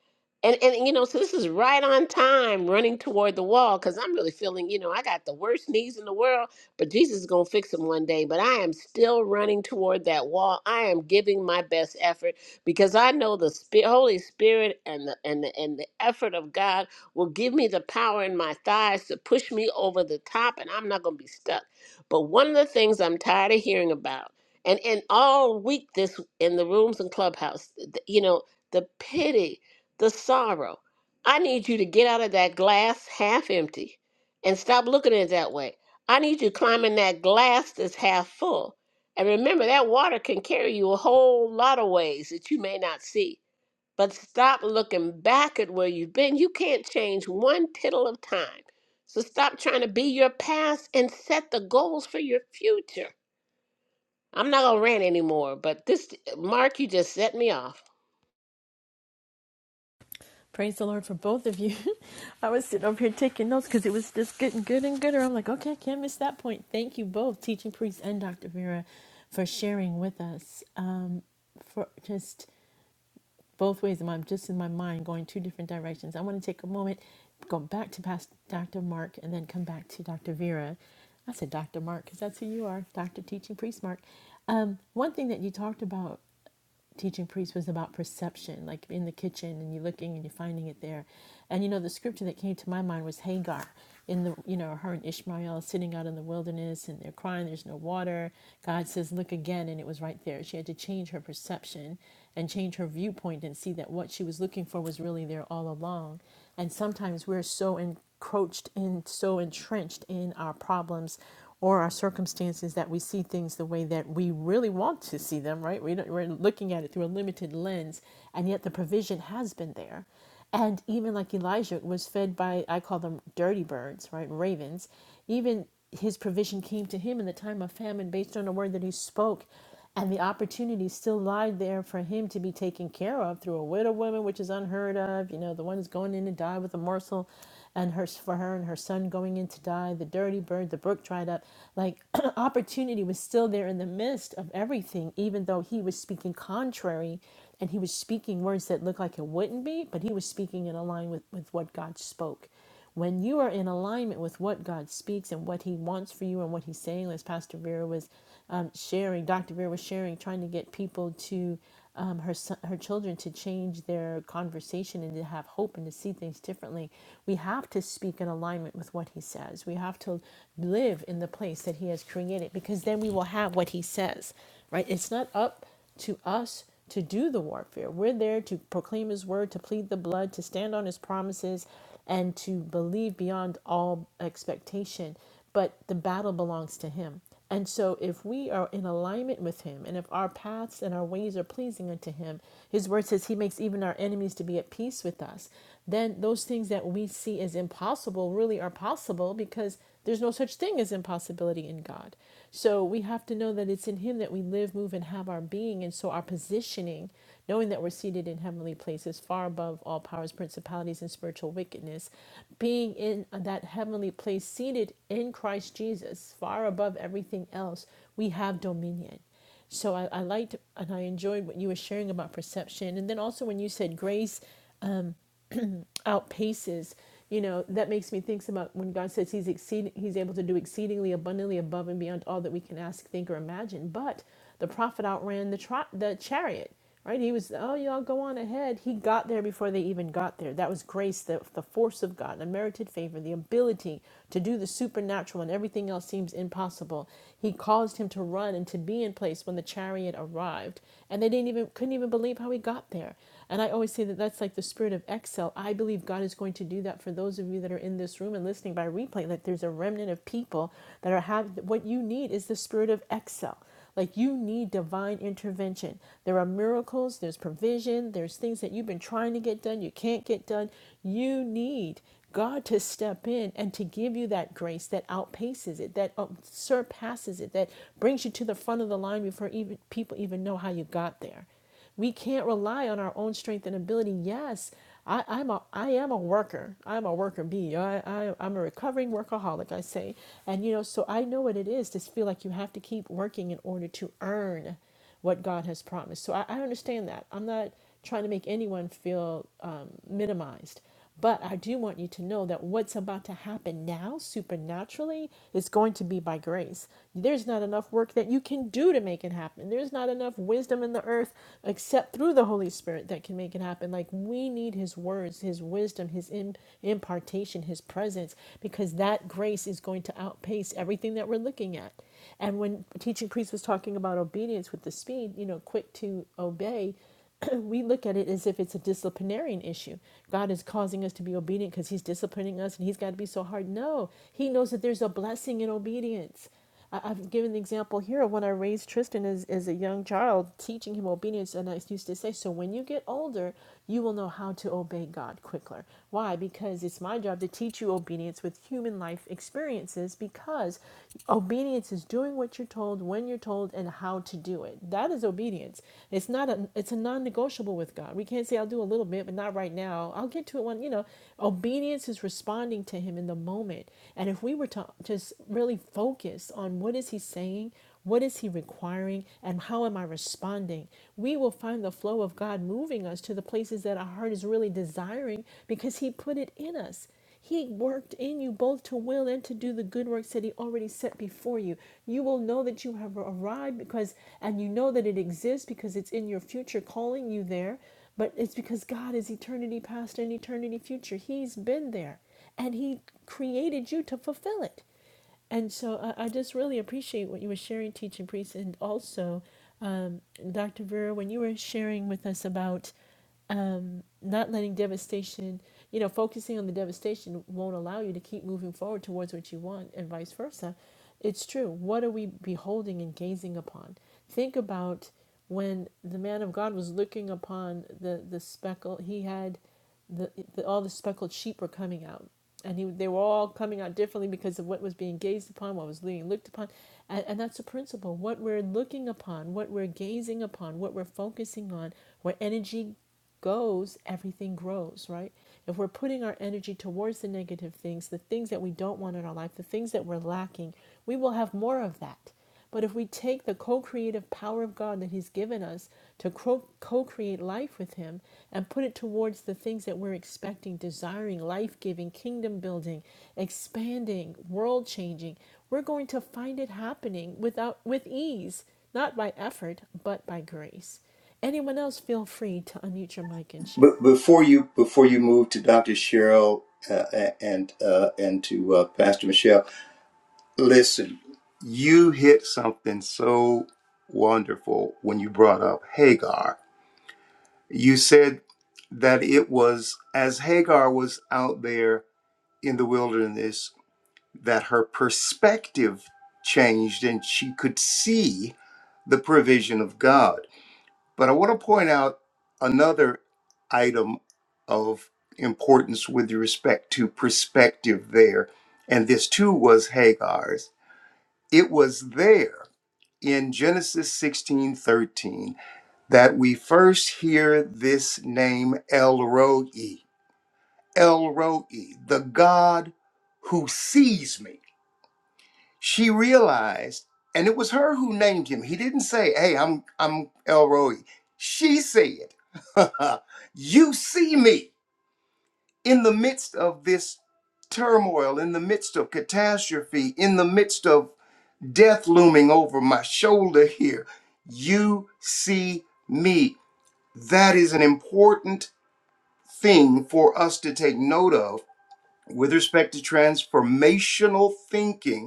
and and you know so this is right on time running toward the wall because i'm really feeling you know i got the worst knees in the world but jesus is going to fix them one day but i am still running toward that wall i am giving my best effort because i know the Spi- holy spirit and the and the and the effort of god will give me the power in my thighs to push me over the top and i'm not going to be stuck but one of the things i'm tired of hearing about and and all week this in the rooms and clubhouse th- you know the pity the sorrow i need you to get out of that glass half empty and stop looking at it that way i need you to climb in that glass that's half full and remember that water can carry you a whole lot of ways that you may not see but stop looking back at where you've been you can't change one tittle of time so stop trying to be your past and set the goals for your future I'm not gonna rant anymore, but this Mark, you just set me off.
Praise the Lord for both of you. [LAUGHS] I was sitting over here taking notes because it was just getting good and gooder. I'm like, okay, I can't miss that point. Thank you both, teaching priest and Dr. Vera, for sharing with us. Um, for just both ways, I'm just in my mind going two different directions. I want to take a moment, go back to past Dr. Mark, and then come back to Dr. Vera. I said Dr. Mark because that's who you are, Dr. Teaching Priest Mark. Um, one thing that you talked about teaching priest was about perception, like in the kitchen and you're looking and you're finding it there. And you know, the scripture that came to my mind was Hagar in the you know, her and Ishmael sitting out in the wilderness and they're crying, there's no water. God says, Look again, and it was right there. She had to change her perception and change her viewpoint and see that what she was looking for was really there all along. And sometimes we're so encroached and so entrenched in our problems or our circumstances that we see things the way that we really want to see them, right? We don't, we're looking at it through a limited lens, and yet the provision has been there. And even like Elijah was fed by, I call them dirty birds, right? Ravens. Even his provision came to him in the time of famine based on a word that he spoke. And the opportunity still lied there for him to be taken care of through a widow woman, which is unheard of. You know, the one who's going in to die with a morsel, and her for her and her son going in to die. The dirty bird, the brook dried up. Like [CLEARS THROAT] opportunity was still there in the midst of everything, even though he was speaking contrary, and he was speaking words that looked like it wouldn't be, but he was speaking in line with with what God spoke. When you are in alignment with what God speaks and what He wants for you and what He's saying, as Pastor Vera was um, sharing, Dr. Vera was sharing, trying to get people to um, her her children to change their conversation and to have hope and to see things differently. We have to speak in alignment with what He says. We have to live in the place that He has created because then we will have what He says. Right? It's not up to us to do the warfare. We're there to proclaim his word, to plead the blood, to stand on his promises, and to believe beyond all expectation. But the battle belongs to him. And so, if we are in alignment with him, and if our paths and our ways are pleasing unto him, his word says he makes even our enemies to be at peace with us, then those things that we see as impossible really are possible because there's no such thing as impossibility in God. So we have to know that it's in Him that we live, move, and have our being. And so our positioning, knowing that we're seated in heavenly places, far above all powers, principalities, and spiritual wickedness, being in that heavenly place, seated in Christ Jesus, far above everything else, we have dominion. So I, I liked and I enjoyed what you were sharing about perception. And then also when you said grace outpaces you know that makes me think about when god says he's exceeding he's able to do exceedingly abundantly above and beyond all that we can ask think or imagine but the prophet outran the tri- the chariot right he was oh y'all go on ahead he got there before they even got there that was grace the, the force of god unmerited favor the ability to do the supernatural when everything else seems impossible he caused him to run and to be in place when the chariot arrived and they didn't even couldn't even believe how he got there and I always say that that's like the spirit of excel. I believe God is going to do that for those of you that are in this room and listening by replay. That there's a remnant of people that are have what you need is the spirit of excel. Like you need divine intervention. There are miracles, there's provision, there's things that you've been trying to get done, you can't get done. You need God to step in and to give you that grace that outpaces it, that um, surpasses it, that brings you to the front of the line before even people even know how you got there. We can't rely on our own strength and ability. Yes, I, I'm a I am a worker. I'm a worker bee. I, I I'm a recovering workaholic. I say, and you know, so I know what it is to feel like you have to keep working in order to earn what God has promised. So I, I understand that. I'm not trying to make anyone feel um, minimized. But I do want you to know that what's about to happen now, supernaturally, is going to be by grace. There's not enough work that you can do to make it happen. There's not enough wisdom in the earth except through the Holy Spirit that can make it happen. Like we need His words, His wisdom, His im- impartation, His presence, because that grace is going to outpace everything that we're looking at. And when teaching priest was talking about obedience with the speed, you know, quick to obey, [COUGHS] [CLEARS THROAT] we look at it as if it's a disciplinarian issue. God is causing us to be obedient because He's disciplining us and He's got to be so hard. No, He knows that there's a blessing in obedience. I, I've given the example here of when I raised Tristan as, as a young child, teaching him obedience. And I used to say, So when you get older, you will know how to obey God quicker. Why? Because it's my job to teach you obedience with human life experiences because obedience is doing what you're told, when you're told, and how to do it. That is obedience. It's not a it's a non-negotiable with God. We can't say I'll do a little bit, but not right now. I'll get to it when, you know, obedience is responding to him in the moment. And if we were to just really focus on what is he saying, what is He requiring? And how am I responding? We will find the flow of God moving us to the places that our heart is really desiring because He put it in us. He worked in you both to will and to do the good works that He already set before you. You will know that you have arrived because, and you know that it exists because it's in your future calling you there. But it's because God is eternity past and eternity future. He's been there and He created you to fulfill it. And so I, I just really appreciate what you were sharing, teaching priest, and also, um, Dr. Vera, when you were sharing with us about um, not letting devastation, you know, focusing on the devastation won't allow you to keep moving forward towards what you want, and vice versa. It's true. What are we beholding and gazing upon? Think about when the man of God was looking upon the the speckle. He had the, the all the speckled sheep were coming out, and he they were all coming out differently because of what was being gazed upon, what was being looked upon, and, and that's a principle. What we're looking upon, what we're gazing upon, what we're focusing on, where energy goes, everything grows, right? If we're putting our energy towards the negative things, the things that we don't want in our life, the things that we're lacking, we will have more of that. But if we take the co creative power of God that He's given us to co create life with Him and put it towards the things that we're expecting, desiring, life giving, kingdom building, expanding, world changing, we're going to find it happening without, with ease, not by effort, but by grace. Anyone else, feel free to unmute your mic and share.
But before you before you move to Dr. Cheryl uh, and uh, and to uh, Pastor Michelle, listen, you hit something so wonderful when you brought up Hagar. You said that it was as Hagar was out there in the wilderness that her perspective changed and she could see the provision of God But I want to point out another item of importance with respect to perspective there. And this too was Hagar's. It was there in Genesis 16 13 that we first hear this name El Roi, El Roi, the God who sees me she realized, and it was her who named him. He didn't say, "Hey, I'm I'm Elroy." She said, [LAUGHS] "You see me in the midst of this turmoil, in the midst of catastrophe, in the midst of death looming over my shoulder here. You see me." That is an important thing for us to take note of with respect to transformational thinking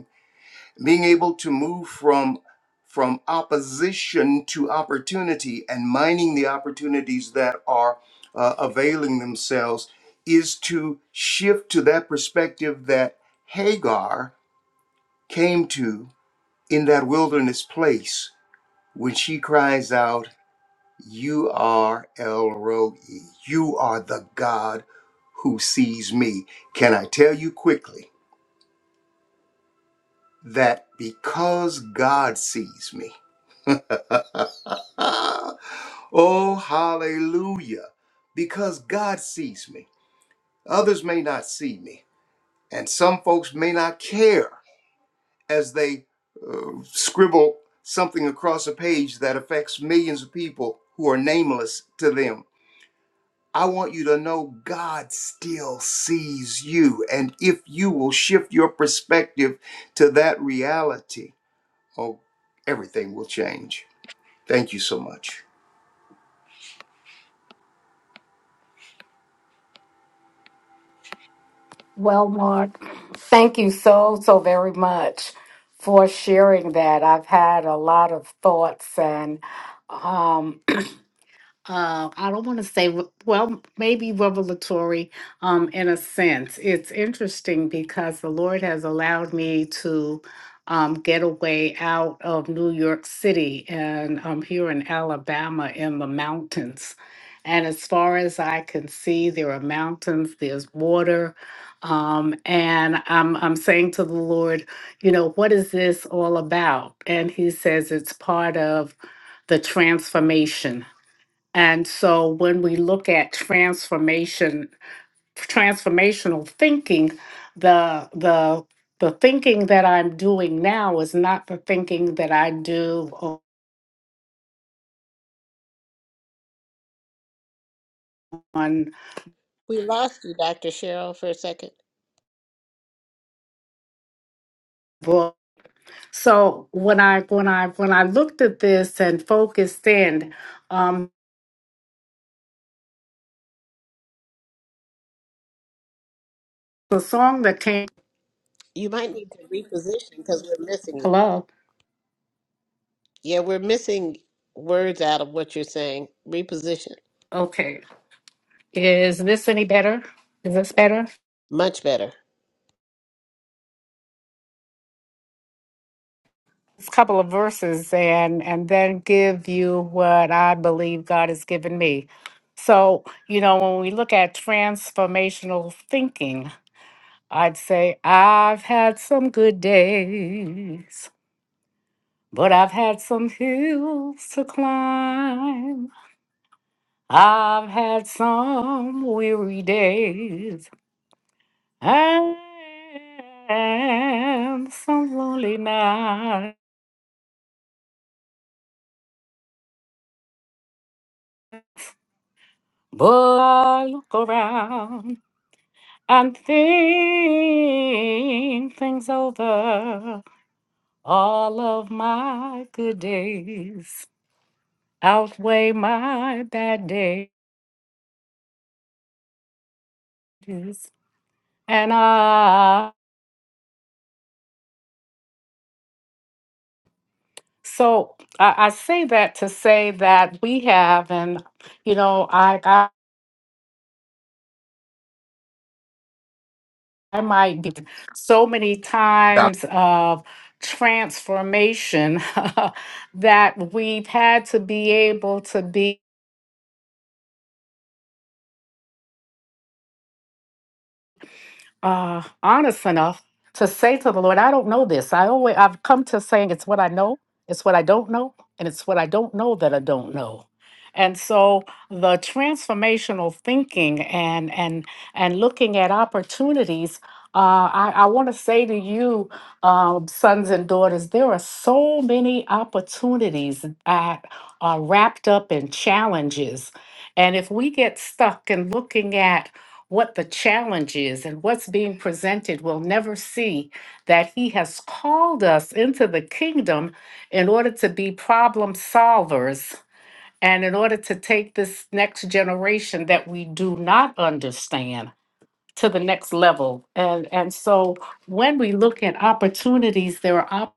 being able to move from from opposition to opportunity and mining the opportunities that are uh, availing themselves is to shift to that perspective that Hagar came to in that wilderness place when she cries out, You are El Roi, you are the God who sees me. Can I tell you quickly that because God sees me, [LAUGHS] oh, hallelujah. Because God sees me. Others may not see me. And some folks may not care as they uh, scribble something across a page that affects millions of people who are nameless to them. I want you to know God still sees you. And if you will shift your perspective to that reality, oh, everything will change. Thank you so much.
Well, Mark, thank you so, so very much for sharing that. I've had a lot of thoughts and um, uh, I don't want to say, re- well, maybe revelatory um, in a sense. It's interesting because the Lord has allowed me to um, get away out of New York City and I'm here in Alabama in the mountains. And as far as I can see, there are mountains, there's water. Um, and I'm, I'm saying to the Lord, you know, what is this all about? And He says it's part of the transformation and so when we look at transformation, transformational thinking, the the the thinking that I'm doing now is not the thinking that I do on
We lost you, Dr. Cheryl, for a second.
book. So when I when I when I looked at this and focused in, um, the song that came.
You might need to reposition because we're missing you.
Hello.
Yeah, we're missing words out of what you're saying. Reposition.
Okay. Is this any better? Is this better?
Much better.
this couple of verses and and then give you what I believe God has given me. So, you know, when we look at transformational thinking, I'd say I've had some good days, but I've had some hills to climb. I've had some weary days and some lonely nights. But I look around and think things over. All of my good days outweigh my bad days. And uh, so I, I say that to say that we have, and you know, I, I, I might be so many times of transformation [LAUGHS] that we've had to be able to be. uh, honest enough to say to the Lord, I don't know this. I always I've come to saying it's what I know, it's what I don't know, and it's what I don't know that I don't know. And so the transformational thinking and and and looking at opportunities, uh, I, I want to say to you, um, sons and daughters, there are so many opportunities that are wrapped up in challenges. And if we get stuck in looking at what the challenge is and what's being presented will never see that he has called us into the kingdom in order to be problem solvers and in order to take this next generation that we do not understand to the next level and and so when we look at opportunities there are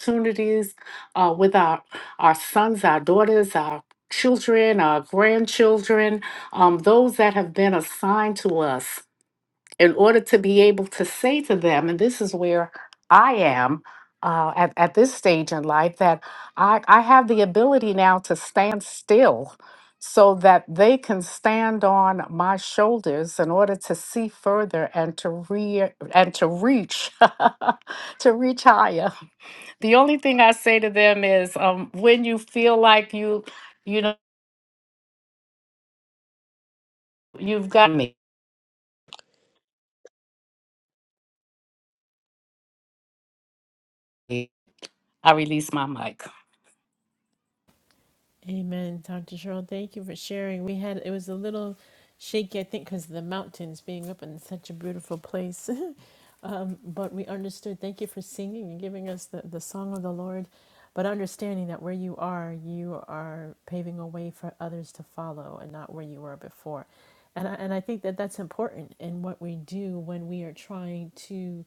opportunities uh, with our our sons our daughters our children our grandchildren um, those that have been assigned to us in order to be able to say to them, and this is where I am uh, at, at this stage in life, that I, I have the ability now to stand still so that they can stand on my shoulders in order to see further and to re- and to reach [LAUGHS] to reach higher the only thing i say to them is um, when you feel like you you know you've got me i release my mic
Amen, Dr. Cheryl. Thank you for sharing. We had it was a little shaky, I think, because of the mountains being up in such a beautiful place. [LAUGHS] um, but we understood. Thank you for singing and giving us the, the song of the Lord, but understanding that where you are, you are paving a way for others to follow, and not where you were before. And I, and I think that that's important in what we do when we are trying to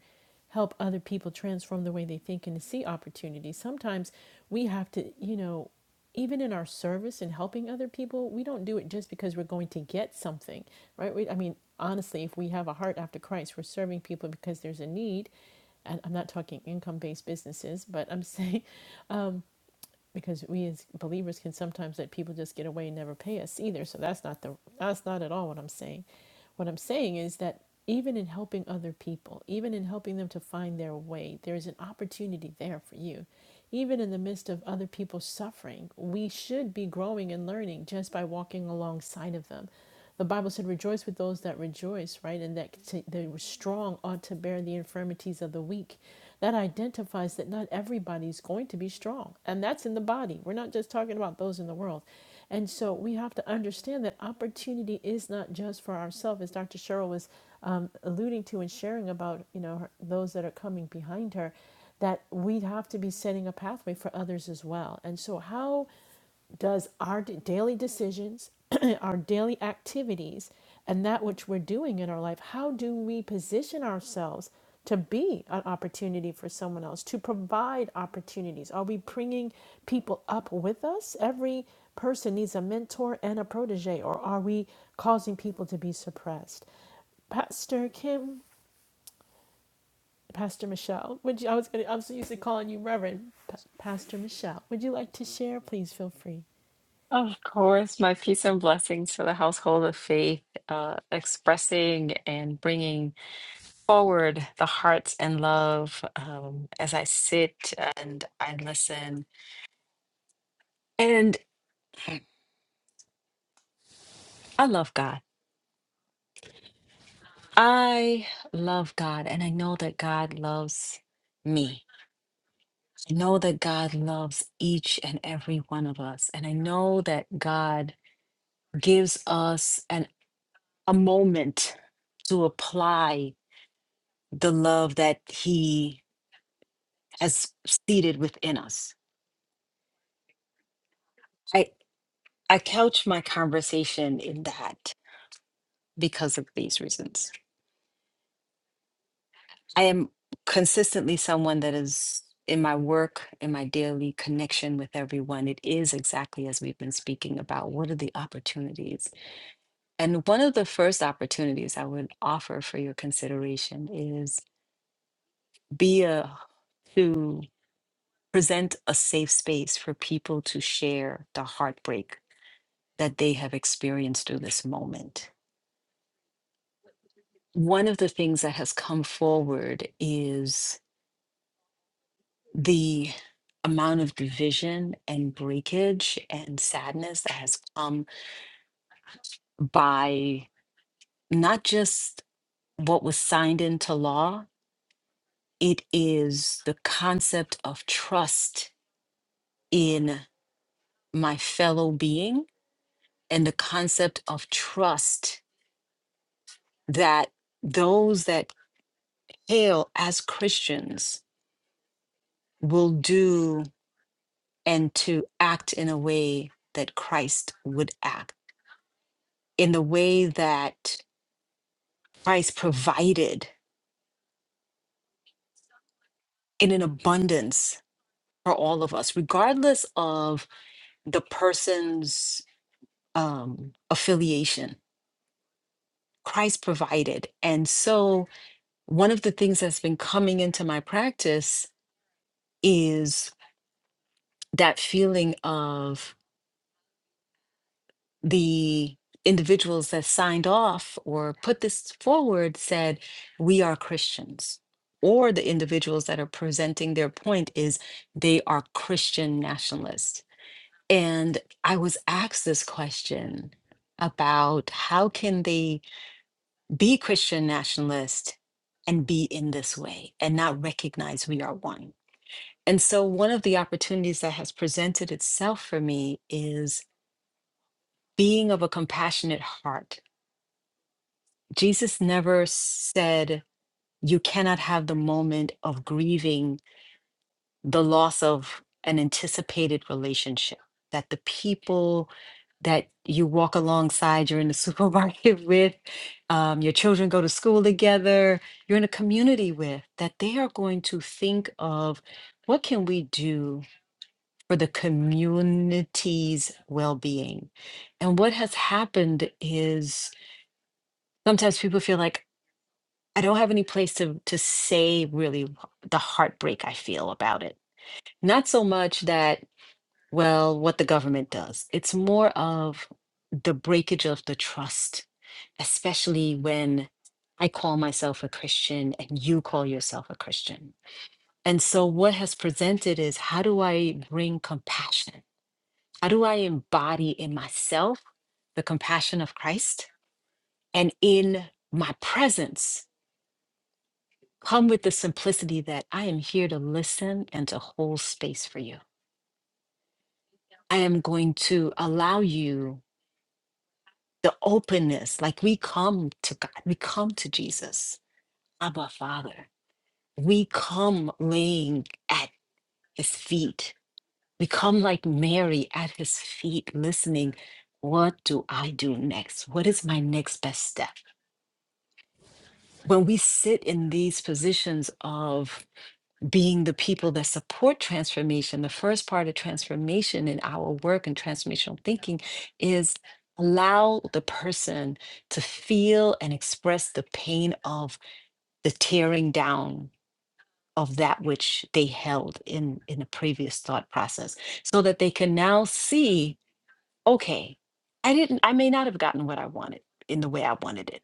help other people transform the way they think and to see opportunities. Sometimes we have to, you know even in our service and helping other people, we don't do it just because we're going to get something, right? We, I mean, honestly, if we have a heart after Christ, we're serving people because there's a need. And I'm not talking income based businesses, but I'm [LAUGHS] saying um, because we as believers can sometimes let people just get away and never pay us either. So that's not the that's not at all what I'm saying. What I'm saying is that even in helping other people, even in helping them to find their way, there is an opportunity there for you. Even in the midst of other people's suffering, we should be growing and learning just by walking alongside of them. The Bible said, "Rejoice with those that rejoice," right, and that the strong ought to bear the infirmities of the weak. That identifies that not everybody's going to be strong, and that's in the body. We're not just talking about those in the world. And so we have to understand that opportunity is not just for ourselves, as Dr. Cheryl was um, alluding to and sharing about, you know, her, those that are coming behind her. That we have to be setting a pathway for others as well. And so, how? does our d- daily decisions, [CLEARS THROAT] our daily activities, and that which we're doing in our life, how do we position ourselves to be an opportunity for someone else, to provide opportunities? Are we bringing people up with us? Every person needs a mentor and a protege, or are we causing people to be suppressed? Pastor Kim, Pastor Michelle, would you, I was going to, I was used to calling you Reverend, Pa- Pastor Michelle, would you like to share? Please feel free.
Of course, my peace and blessings to the household of faith, uh, expressing and bringing forward the hearts and love um, as I sit and I listen. And I love God. I love God, and I know that God loves me. I know that God loves each and every one of us. And I know that God gives us an, a moment to apply the love that He as seated within us. I, I couch my conversation in that because of these reasons. I am consistently someone that is in my work, in my daily connection with everyone. It is exactly as we've been speaking about what are the opportunities? And one of the first opportunities I would offer for your consideration is be a to present a safe space for people to share the heartbreak that they have experienced through this moment one of the things that has come forward is the amount of division and breakage and sadness that has come by not just what was signed into law, it is the concept of trust in my fellow being and the concept of trust that those that hail as Christians will do and to act in a way that Christ would act, in the way that Christ provided in an abundance for all of us, regardless of the person's um, affiliation. Christ provided. And so, one of the things that's been coming into my practice is that feeling of the individuals that signed off or put this forward said, we are Christians. Or the individuals that are presenting their point is they are Christian nationalists. And I was asked this question about how can they be Christian nationalist and be in this way and not recognize we are one. And so one of the opportunities that has presented itself for me is being of a compassionate heart Jesus never said you cannot have the moment of grieving the loss of an anticipated relationship, that the people that you walk alongside, you're in the supermarket [LAUGHS] with, um, your children go to school together, you're in a community with, that they are going to think of what can we do for the community's well being? And what has happened is sometimes people feel like, I don't have any place to to say really wh- the heartbreak I feel about it. Not so much that, well, what the government does. It's more of the breakage of the trust, especially when I call myself a Christian and you call yourself a Christian. And so what has presented is how do I bring compassion? How do I embody in myself the compassion of Christ and in my presence? Come with the simplicity that I am here to listen and to hold space for you. I am going to allow you the openness. Like we come to God, we come to Jesus, Abba Father. We come laying at his feet. We come like Mary at his feet, listening. What do I do next? What is my next best step? When we sit in these positions of being the people that support transformation, the first part of transformation in our work and transformational thinking is allow the person to feel and express the pain of the tearing down of that which they held in in a previous thought process so that they can now see okay i didn't i may not have gotten what i wanted in the way i wanted it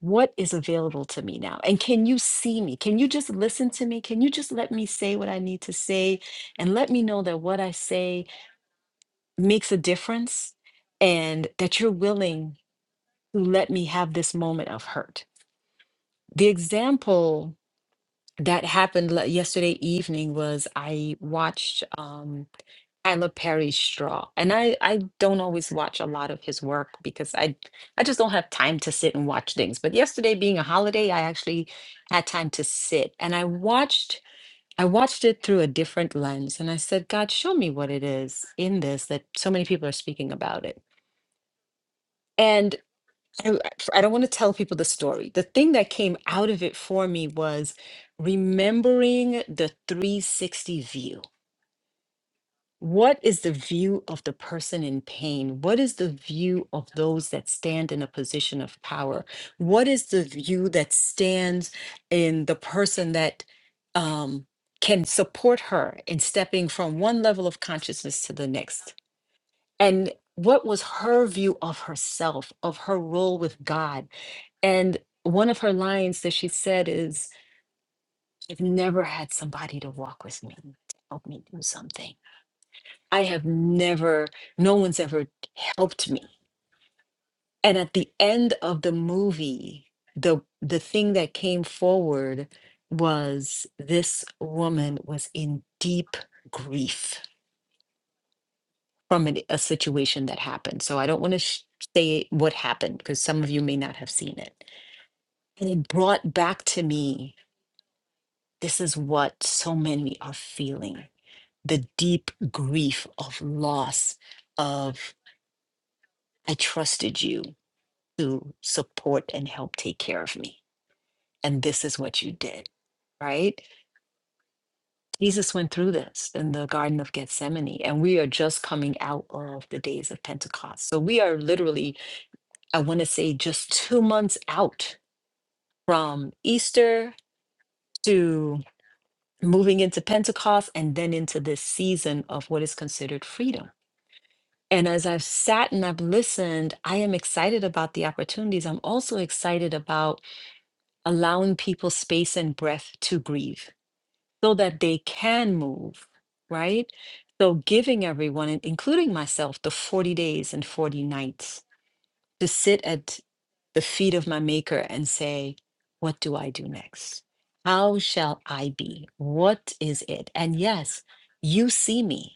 what is available to me now? And can you see me? Can you just listen to me? Can you just let me say what I need to say and let me know that what I say makes a difference and that you're willing to let me have this moment of hurt? The example that happened le- yesterday evening was I watched. um, Tyler Perry Straw. And I, I don't always watch a lot of his work because I I just don't have time to sit and watch things. But yesterday being a holiday, I actually had time to sit and I watched I watched it through a different lens and I said, God, show me what it is in this that so many people are speaking about it. And I, I don't want to tell people the story. The thing that came out of it for me was remembering the 360 view What is the view of the person in pain? What is the view of those that stand in a position of power? What is the view that stands in the person that um, can support her in stepping from one level of consciousness to the next? And what was her view of herself, of her role with God? And one of her lines that she said is, I've never had somebody to walk with me, to help me do something. I have never, no one's ever helped me. And at the end of the movie, the the thing that came forward was this woman was in deep grief from an, a situation that happened. So I don't want to sh- say what happened because some of you may not have seen it. And it brought back to me this is what so many are feeling the deep grief of loss of I trusted you to support and help take care of me. And this is what you did, right? Jesus went through this in the Garden of Gethsemane, and we are just coming out of the days of Pentecost. So we are literally, I want to say, just two months out from Easter to moving into Pentecost and then into this season of what is considered freedom. And as I've sat and I've listened, I am excited about the opportunities. I'm also excited about allowing people space and breath to grieve so that they can move, right? So, giving everyone, and including myself, the 40 days and 40 nights to sit at the feet of my maker and say, What do I do next? How shall I be? What is it? And yes, you see me.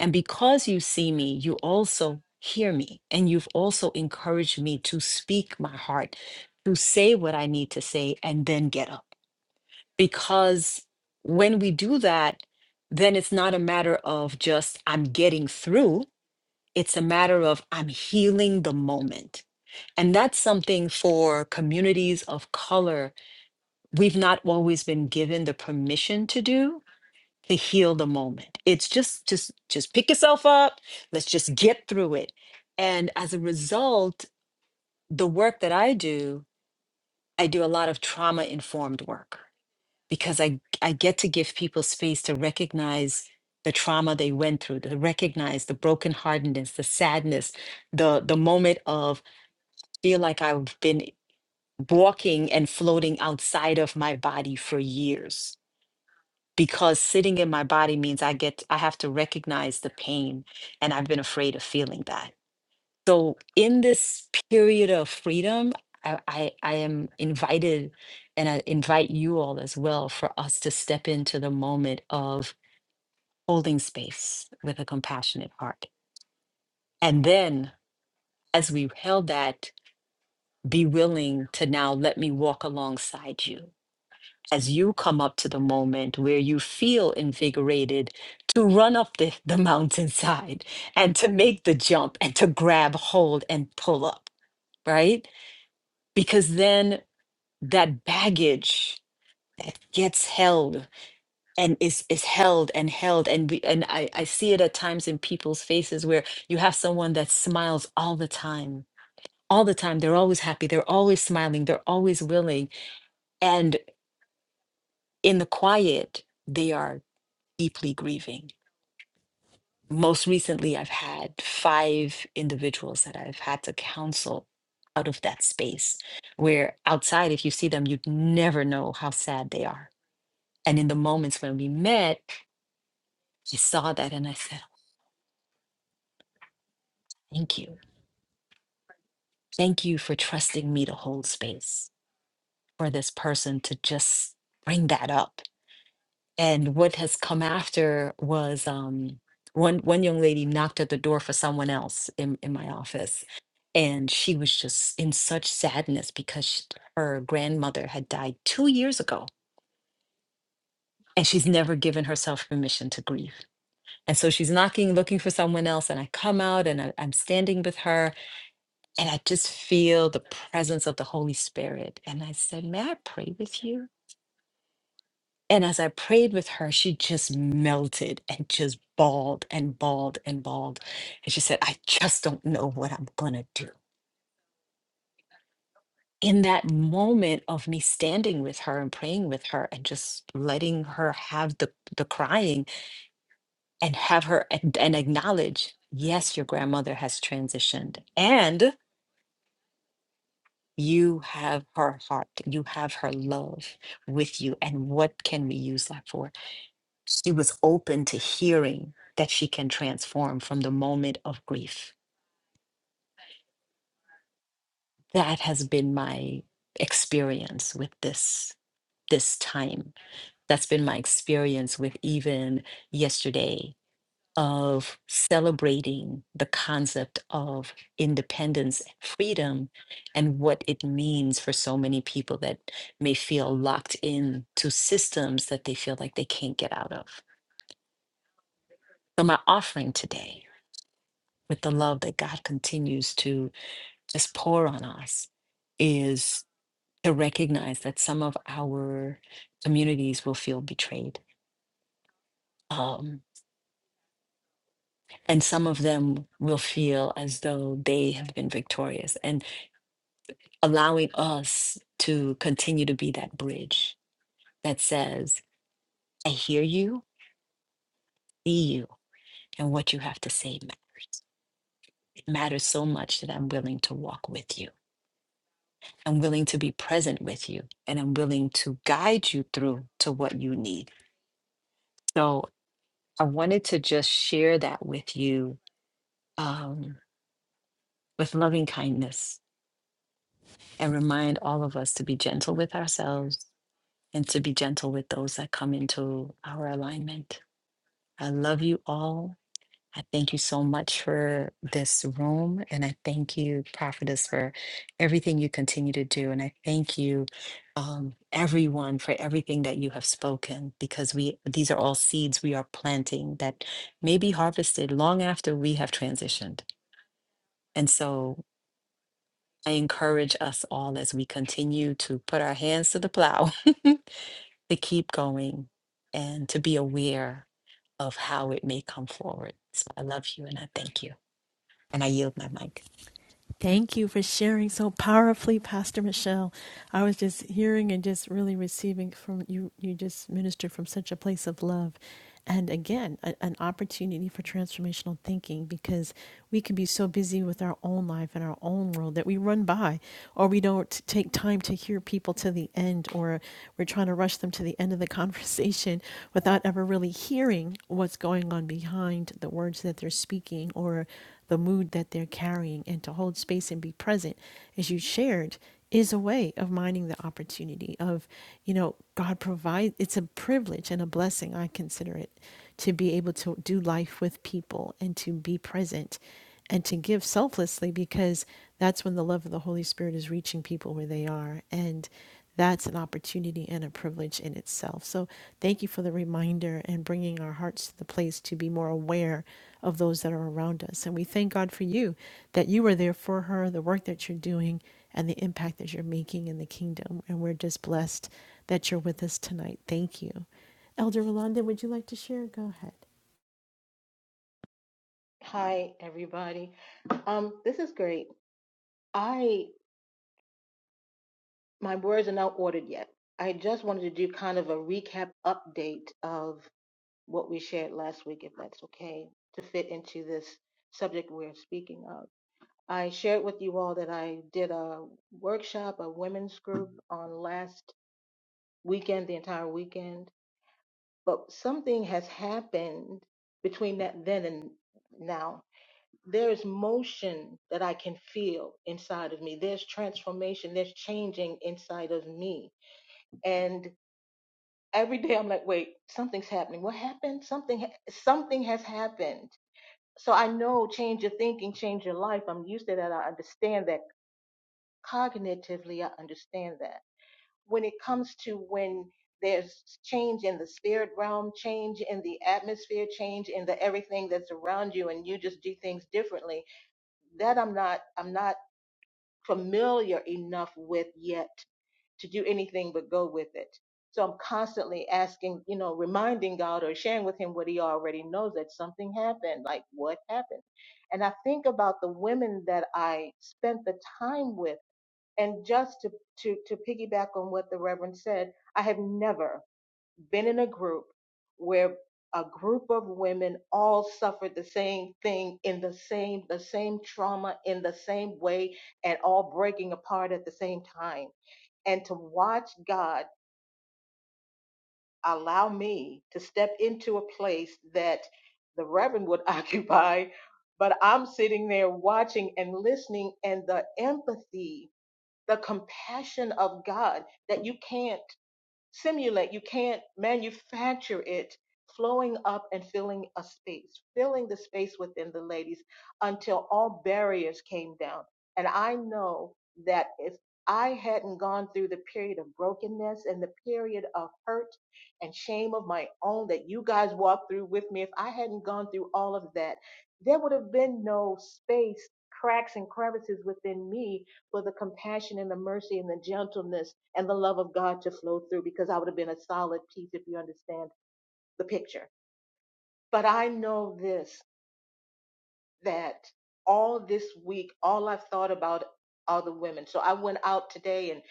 And because you see me, you also hear me. And you've also encouraged me to speak my heart, to say what I need to say, and then get up because when we do that, then it's not a matter of just I'm getting through, it's a matter of I'm healing the moment. And that's something for communities of color, we've not always been given the permission to do to heal the moment. It's just just just pick yourself up, let's just get through it. And as a result, the work that I do, I do a lot of trauma informed work. because I I get to give people space to recognize the trauma they went through, to recognize the brokenheartedness, the sadness, the the moment of feel like I've been walking and floating outside of my body for years. Because sitting in my body means I get I have to recognize the pain and I've been afraid of feeling that. So in this period of freedom, I, I, I am invited and I invite you all as well for us to step into the moment of holding space with a compassionate heart. And then as we held that, be willing to now let me walk alongside you as you come up to the moment where you feel invigorated to run up the, the mountainside and to make the jump and to grab hold and pull up, right? because then that baggage that gets held and is is held and held and we and I, I see it at times in people's faces where you have someone that smiles all the time all the time they're always happy they're always smiling they're always willing and in the quiet they are deeply grieving most recently i've had five individuals that i've had to counsel out of that space where outside if you see them you'd never know how sad they are And in the moments when we met, I saw that and I said, Thank you. Thank you for trusting me to hold space for this person to just bring that up. And what has come after was um, one, one young lady knocked at the door for someone else in, in my office. And she was just in such sadness because sh her grandmother had died two years ago. And she's never given herself permission to grieve. And so she's knocking, looking for someone else. And I come out and I, I'm standing with her And I just feel the presence of the Holy Spirit. And I said, May I pray with you? And as I prayed with her, she just melted and just bawled and bawled and bawled. And she said, I just don't know what I'm going to do. In that moment of me standing with her and praying with her and just letting her have the, the crying and have her and, and acknowledge, yes, your grandmother has transitioned. and. You have her heart, you have her love with you. And what can we use that for? She was open to hearing that she can transform from the moment of grief. That has been my experience with this this time. That's been my experience with even yesterday of celebrating the concept of independence, freedom, and what it means for so many people that may feel locked in to systems that they feel like they can't get out of. So, my offering today, with the love that God continues to just pour on us, is to recognize that some of our communities will feel betrayed. Um, and some of them will feel as though they have been victorious. And allowing us to continue to be that bridge that says, I hear you, see you, and what you have to say matters. It matters so much that I'm willing to walk with you. I'm willing to be present with you, and I'm willing to guide you through to what you need. So I wanted to just share that with you um, with loving kindness and remind all of us to be gentle with ourselves and to be gentle with those that come into our alignment. I love you all. I thank you so much for this room. And I thank you, Prophetess, for everything you continue to do. And I thank you, um, everyone, for everything that you have spoken, because we these are all seeds we are planting that may be harvested long after we have transitioned. And so I encourage us all as we continue to put our hands to the plow [LAUGHS] to keep going and to be aware of how it may come forward. So I love you and I thank you. And I yield my mic.
Thank you for sharing so powerfully, Pastor Michelle. I was just hearing and just really receiving from you. You just ministered from such a place of love. And again, a, an opportunity for transformational thinking because we can be so busy with our own life and our own world that we run by, or we don't take time to hear people to the end, or we're trying to rush them to the end of the [LAUGHS] conversation conversation without ever really hearing what's going on behind the words that they're speaking or the mood that they're carrying and to hold space and be present as you shared is a way of mining the opportunity of you know god provides. it's a privilege and a blessing i consider it to be able to do life with people and to be present and to give selflessly because that's when the love of the holy spirit is reaching people where they are and that's an opportunity and a privilege in itself. So, thank you for the reminder and bringing our hearts to the place to be more aware of those that are around us. And we thank God for you that you are there for her, the work that you're doing, and the impact that you're making in the kingdom. And we're just blessed that you're with us tonight. Thank you. Elder Rolanda, would you like to share? Go ahead.
Hi, everybody. Um, this is great. I my words are not ordered yet. I just wanted to do kind of a recap update of what we shared last week, if that's okay, to fit into this subject we're speaking of. I shared with you all that I did a workshop, a women's group on last weekend, the entire weekend, but something has happened between that then and now there's motion that I can feel inside of me. There's transformation, there's changing inside of me. And every day I'm like, wait, something's happening. What happened? Something ha- something has happened. So I know change your thinking, change your life. I'm used to that. I understand that cognitively. I understand that. When it comes to when there's change in the spirit realm, change in the atmosphere, change in the everything that's around you and you just do things differently, that I'm not I'm not familiar enough with yet to do anything but go with it. So I'm constantly asking, you know, reminding God or sharing with him what he already knows that something happened, like what happened. And I think about the women that I spent the time with and just to to to piggyback on what the reverend said, I have never been in a group where a group of women all suffered the same thing in the same the same trauma in the same way and all breaking apart at the same time and to watch god allow me to step into a place that the reverend would [LAUGHS] occupy but i'm sitting there watching and listening and the empathy the compassion of god that you can't simulate, you can't manufacture it flowing up and filling a space, filling the space within the ladies until all barriers came down. And I know that if I hadn't gone through the period of brokenness and the period of hurt and shame of my own that you guys walked through with me, if I hadn't gone through all of that, there would have been no space, cracks, and crevices within me for the compassion and the mercy and the gentleness and the love of God to flow through because I would have been a solid piece if you understand the picture. But I know this that all this week, all I've thought about are the women. So I went out today and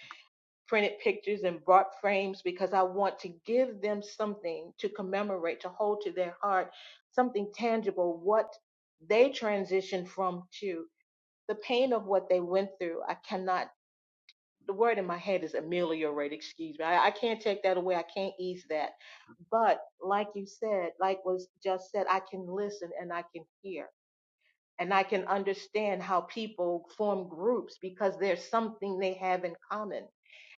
printed pictures and brought frames because I want to give them something to commemorate, to hold to their heart, something tangible, what they transitioned from to the pain of what they went through. I cannot the word in my head is ameliorate, excuse me. I, I can't take that away. I can't ease that. But like you said, like was just said, I can listen and I can hear and I can understand how people form groups because there's something they have in common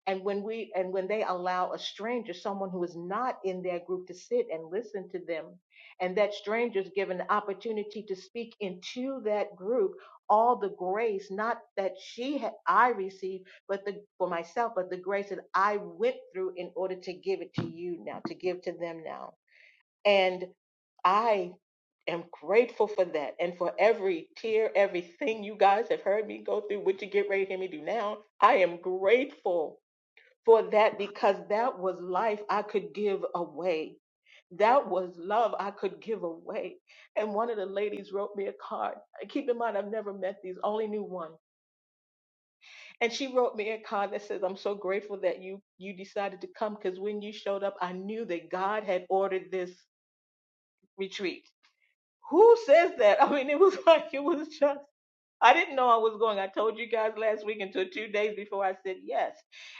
and when we and when they allow a stranger someone who is not in their group to sit and listen to them and that stranger is given the opportunity to speak into that group all the grace not that she had i received but the for myself but the grace that i went through in order to give it to you now to give to them now and i am grateful for that and for every tear everything you guys have heard me go through what you get ready to hear me do now i am grateful for that because that was life I could give away. That was love I could give away. And one of the ladies wrote me a card. Keep in mind, I've never met these, only knew one. And she wrote me a card that says, I'm so grateful that you, you decided to come because when you showed up, I knew that God had ordered this retreat. Who says that? [LAUGHS] I mean, it was [LAUGHS] like, it was just I didn't know I was going. I told you guys last week until two days before I said yes.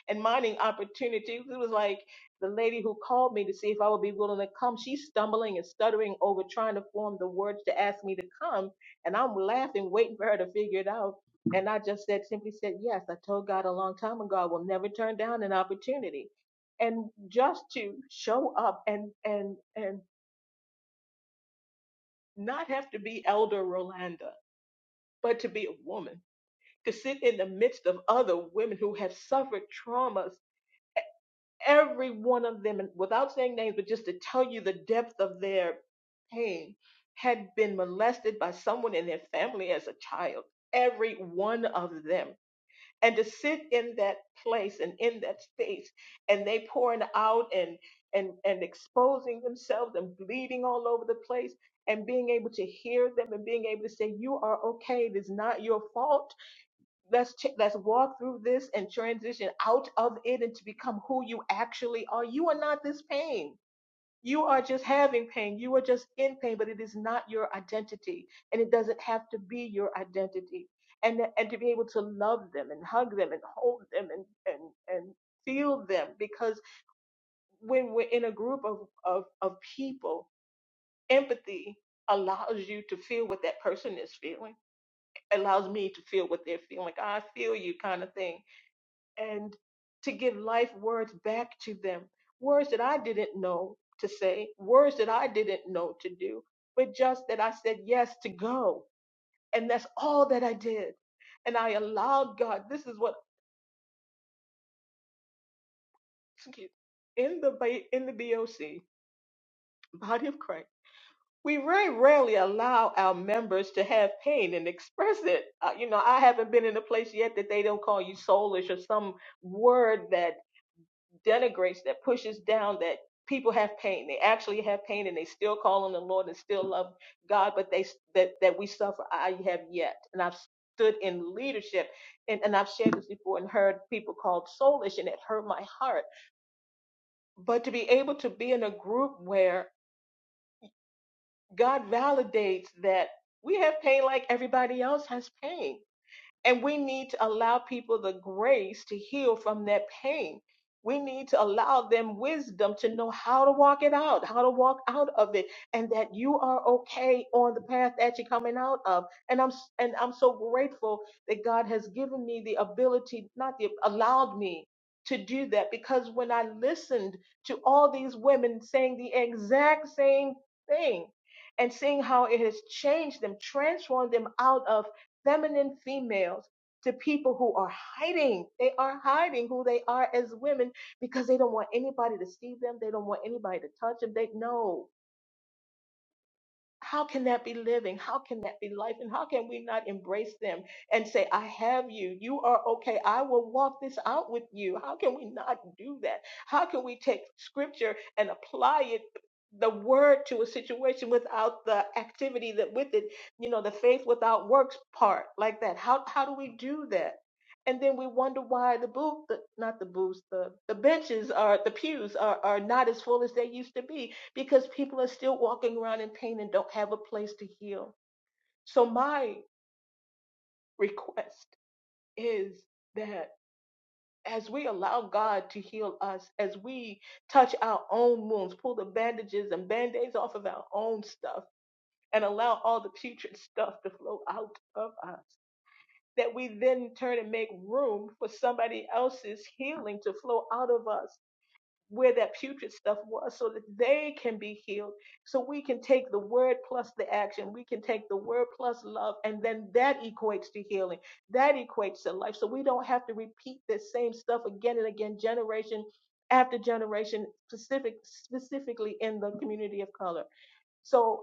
And mining opportunities, it was like the lady who called me to see if I would be willing to come. She's stumbling and stuttering over trying to form the words to ask me to come. And I'm laughing, waiting for her to figure it out. And I just said, simply said yes. I told God a long time ago, I will never turn down an opportunity. And just to show up and and and not have to be Elder Rolanda, but to be a woman to sit in the midst of other women who have suffered traumas, every one of them, and without saying names, but just to tell you the depth of their pain, had been molested by someone in their family as a child, every one of them. And to sit in that place and in that space, and they pouring out and and and exposing themselves and bleeding all over the place, and being able to hear them and being able to say, "You are okay. It is not your fault let's ch- let's walk through this and transition out of it and to become who you actually are you are not this pain you are just having pain you are just in pain but it is not your identity and it doesn't have to be your identity and and to be able to love them and hug them and hold them and and and feel them because when we're in a group of of of people empathy allows you to feel what that person is feeling allows me to feel what they're feeling like i feel you kind of thing and to give life words back to them. Words that I didn't know to say, words that I didn't know to do, but just that I said yes to go. And that's all that I did. And I allowed God, this is what, excuse, in the, ba- in the BOC, body of Christ, we very rarely allow our members to have pain and express it. Uh, you know, I haven't been in a place yet that they don't call you soulish or some word that denigrates, that pushes down that people have pain. They actually have pain and they still call on the Lord and still love God, but they that, that we suffer. I have yet. And I've stood in leadership and, and I've shared this before and heard people called soulish and it hurt my heart. But to be able to be in a group where God validates that we have pain like everybody else has pain And we need to allow people the grace to heal from that pain. We need to allow them wisdom to know how to walk it out, how to walk out of it, and that you are okay on the path that you're coming out of. And I'm and I'm so grateful that God has given me the ability, not the allowed me to do that because when I listened to all these women saying the exact same thing and seeing how it has changed them, transformed them out of feminine females to people who are hiding. They are hiding who they are as women because they don't want anybody to see them. They don't want anybody to touch them. They know. How can that be living? How can that be life? And how can we not embrace them and say, I have you. You are okay. I will walk this out with you. How can we not do that? How can we take scripture and apply it? the word to a situation without the activity that with it you know the faith without works part like that how how do we do that and then we wonder why the booth the, not the booths the the benches are the pews are are not as full as they used to be because people are still walking around in pain and don't have a place to heal. So, my request is that as we allow God to heal us, as we touch our own wounds, pull the bandages and band aids off of our own stuff, and allow all the putrid stuff to flow out of us, that we then turn and make room for somebody else's healing to flow out of us where that putrid stuff was so that they can be healed. So we can take the word plus the action. We can take the word plus love, and then that equates to healing. That equates to life. So we don't have to repeat the same stuff again and again, generation after generation, specific specifically in the community of color. So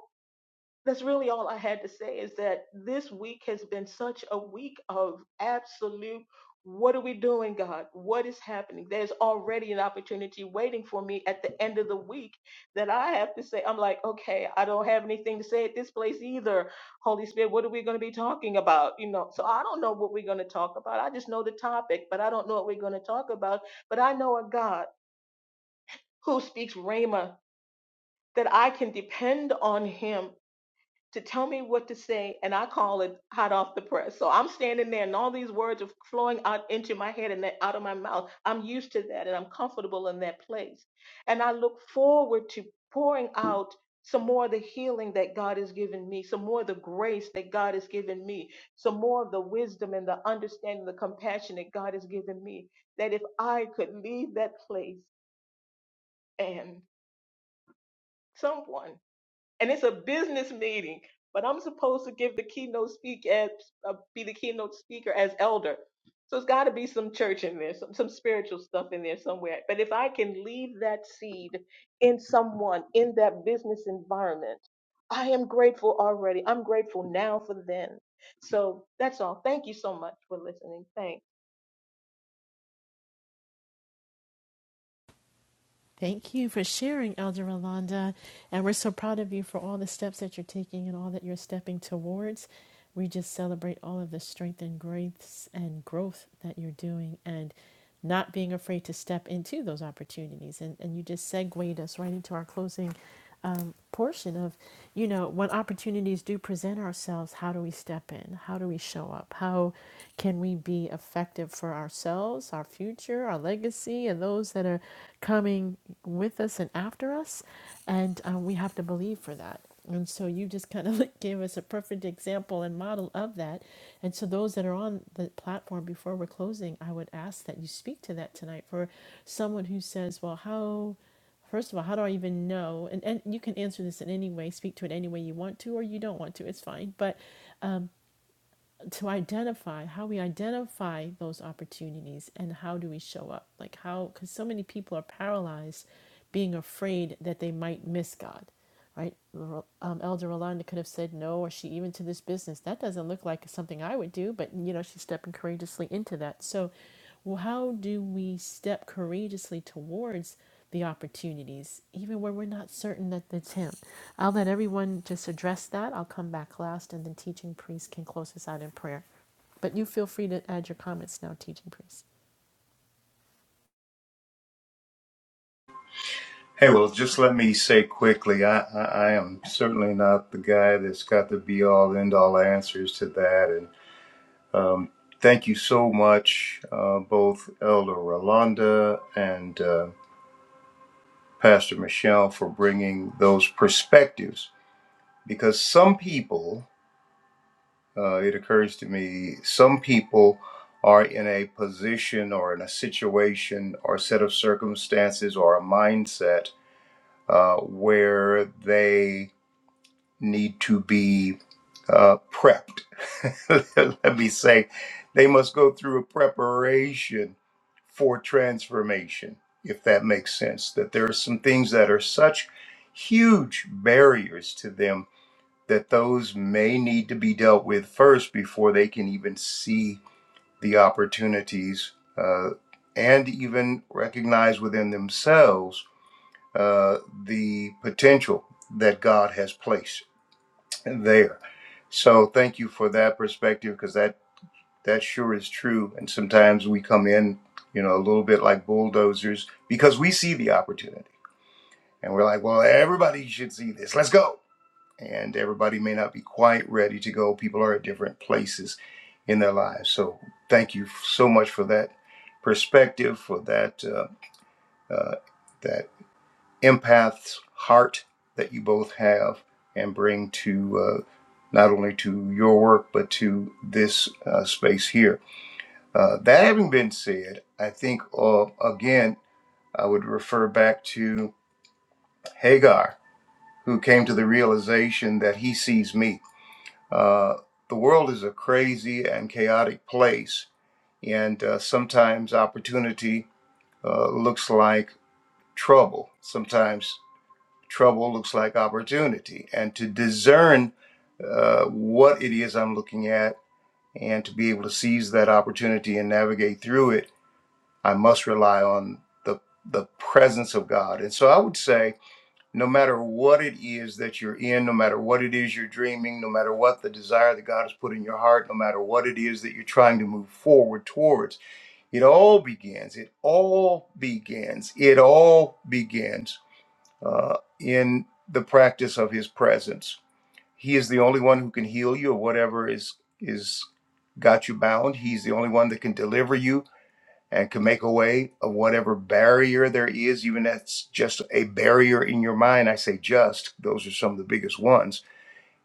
that's really all I had to say is that this week has been such a week of absolute what are we doing, God? What is happening? There's already an opportunity waiting for me at the end of the week that I have to say, I'm like, okay, I don't have anything to say at this place either. Holy Spirit, what are we going to be talking about? You know, so I don't know what we're going to talk about. I just know the topic, but I don't know what we're going to talk about. But I know a God who speaks Rhema, that I can depend on Him to tell me what to say, and I call it hot off the press. So I'm standing there, and all these words are flowing out into my head and out of my mouth. I'm used to that, and I'm comfortable in that place. And I look forward to pouring out some more of the healing that God has given me, some more of the grace that God has given me, some more of the wisdom and the understanding, the compassion that God has given me. That if I could leave that place and someone and it's a business meeting, but I'm supposed to give the keynote speak as uh, be the keynote speaker as elder. So it's got to be some church in there, some some spiritual stuff in there somewhere. But if I can leave that seed in someone in that business environment, I am grateful already. I'm grateful now for then. So that's all. Thank you so much for listening. Thanks.
Thank you for sharing, Elder Rolanda. And we're so proud of you for all the steps that you're taking and all that you're stepping towards. We just celebrate all of the strength and grace and growth that you're doing and not being afraid to step into those opportunities. And, and you just segued us right into our closing um, portion of, you know, when opportunities do present ourselves, how do we step in? How do we show up? How can we be effective for ourselves, our future, our legacy, and those that are coming with us and after us? And um, we have to believe for that. And so you just kind of [LAUGHS] like gave us a perfect example and model of that. And so those that are on the platform before we're closing, I would ask that you speak to that tonight for someone who says, "Well, how?" First of all, how do I even know? And, and you can answer this in any way, speak to it any way you want to or you don't want to, it's fine. But to identify how we identify those opportunities and how do we show up? Like, how, because so many people are paralyzed being afraid that they might miss God, right? Um, Elder Rolanda could have said no, or she even to this business. That doesn't look like something I would do, but you know, she's stepping courageously into that. So, well, how do we step courageously towards the opportunities, even where we're not certain that it's Him? I'll let everyone just address that. I'll come back last, and then teaching priest can close us out in prayer. But you feel free to add your comments now, teaching priest.
Hey, well, just let me say quickly, I, I, I am certainly not the guy that's got the be all end all answers to that. And um, thank you so much, uh, both Elder Rolanda and uh, Pastor Michelle, for bringing those perspectives. Because some people, uh, it occurs to me, some people are in a position or in a situation or set of circumstances or a mindset uh, where they need to be uh, prepped. [LAUGHS] Let me say, they must go through a preparation for transformation, if that makes sense. That there are some things that are such huge barriers to them that those may need to be dealt with first before they can even see the opportunities uh, and even recognize within themselves uh, the potential that God has placed there so thank you for that perspective because that that sure is true. And sometimes we come in, you know, a little bit like bulldozers because we see the opportunity and we're like, well, everybody should see this. Let's go. And everybody may not be quite ready to go. People are at different places in their lives. So thank you so much for that perspective, for that uh, uh, that empath's heart that you both have and bring to uh, not only to your work but to this uh, space here. Uh, that having been said, I think uh, again I would refer back to Hagar, who came to the realization that he sees me. Uh, the world is a crazy and chaotic place, and uh, sometimes opportunity uh, looks like trouble. Sometimes trouble looks like opportunity and to discern uh, what it is I'm looking at and to be able to seize that opportunity and navigate through it, I must rely on the, the presence of God. And so I would say, no matter what it is that you're in, no matter what it is you're dreaming, no matter what the desire that God has put in your heart, no matter what it is that you're trying to move forward towards, it all begins. It all begins. It all begins uh, in the practice of his presence. He is the only one who can heal you of whatever is is got you bound. He's the only one that can deliver you and can make a way of whatever barrier there is, even that's just a barrier in your mind. I say just, those are some of the biggest ones,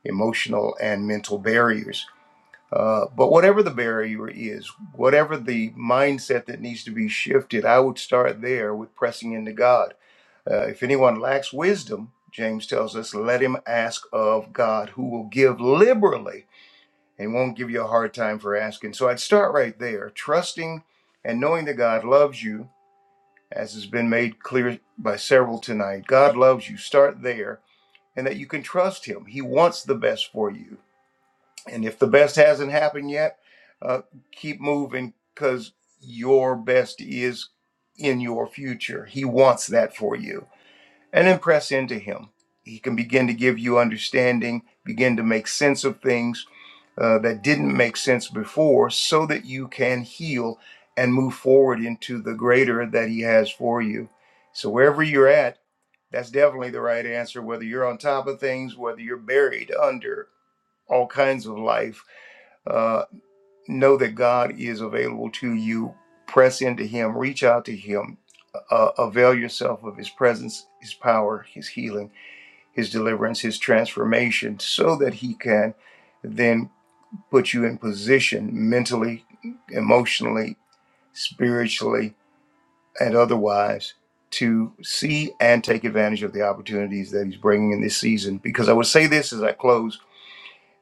emotional and mental barriers. Uh, but whatever the barrier is, whatever the mindset that needs to be shifted, I would start there with pressing into God uh, if anyone lacks wisdom, James tells us, let him ask of God, who will give liberally and won't give you a hard time for asking. So I'd start right there, trusting and knowing that God loves you, as has been made clear by several tonight. God loves you. Start there, and that you can trust Him. He wants the best for you. And if the best hasn't happened yet, uh, keep moving because your best is in your future. He wants that for you and then press into Him. He can begin to give you understanding, begin to make sense of things uh, that didn't make sense before, so that you can heal and move forward into the greater that He has for you. So, wherever you're at, that's definitely the right answer, whether you're on top of things, whether you're buried under all kinds of life. Uh, know that God is available to you. Press into Him, reach out to Him, uh, avail yourself of His presence, His power, His healing his deliverance, his transformation, so that he can then put you in position mentally, emotionally, spiritually, and otherwise to see and take advantage of the opportunities that he's bringing in this season. Because I would say this as I close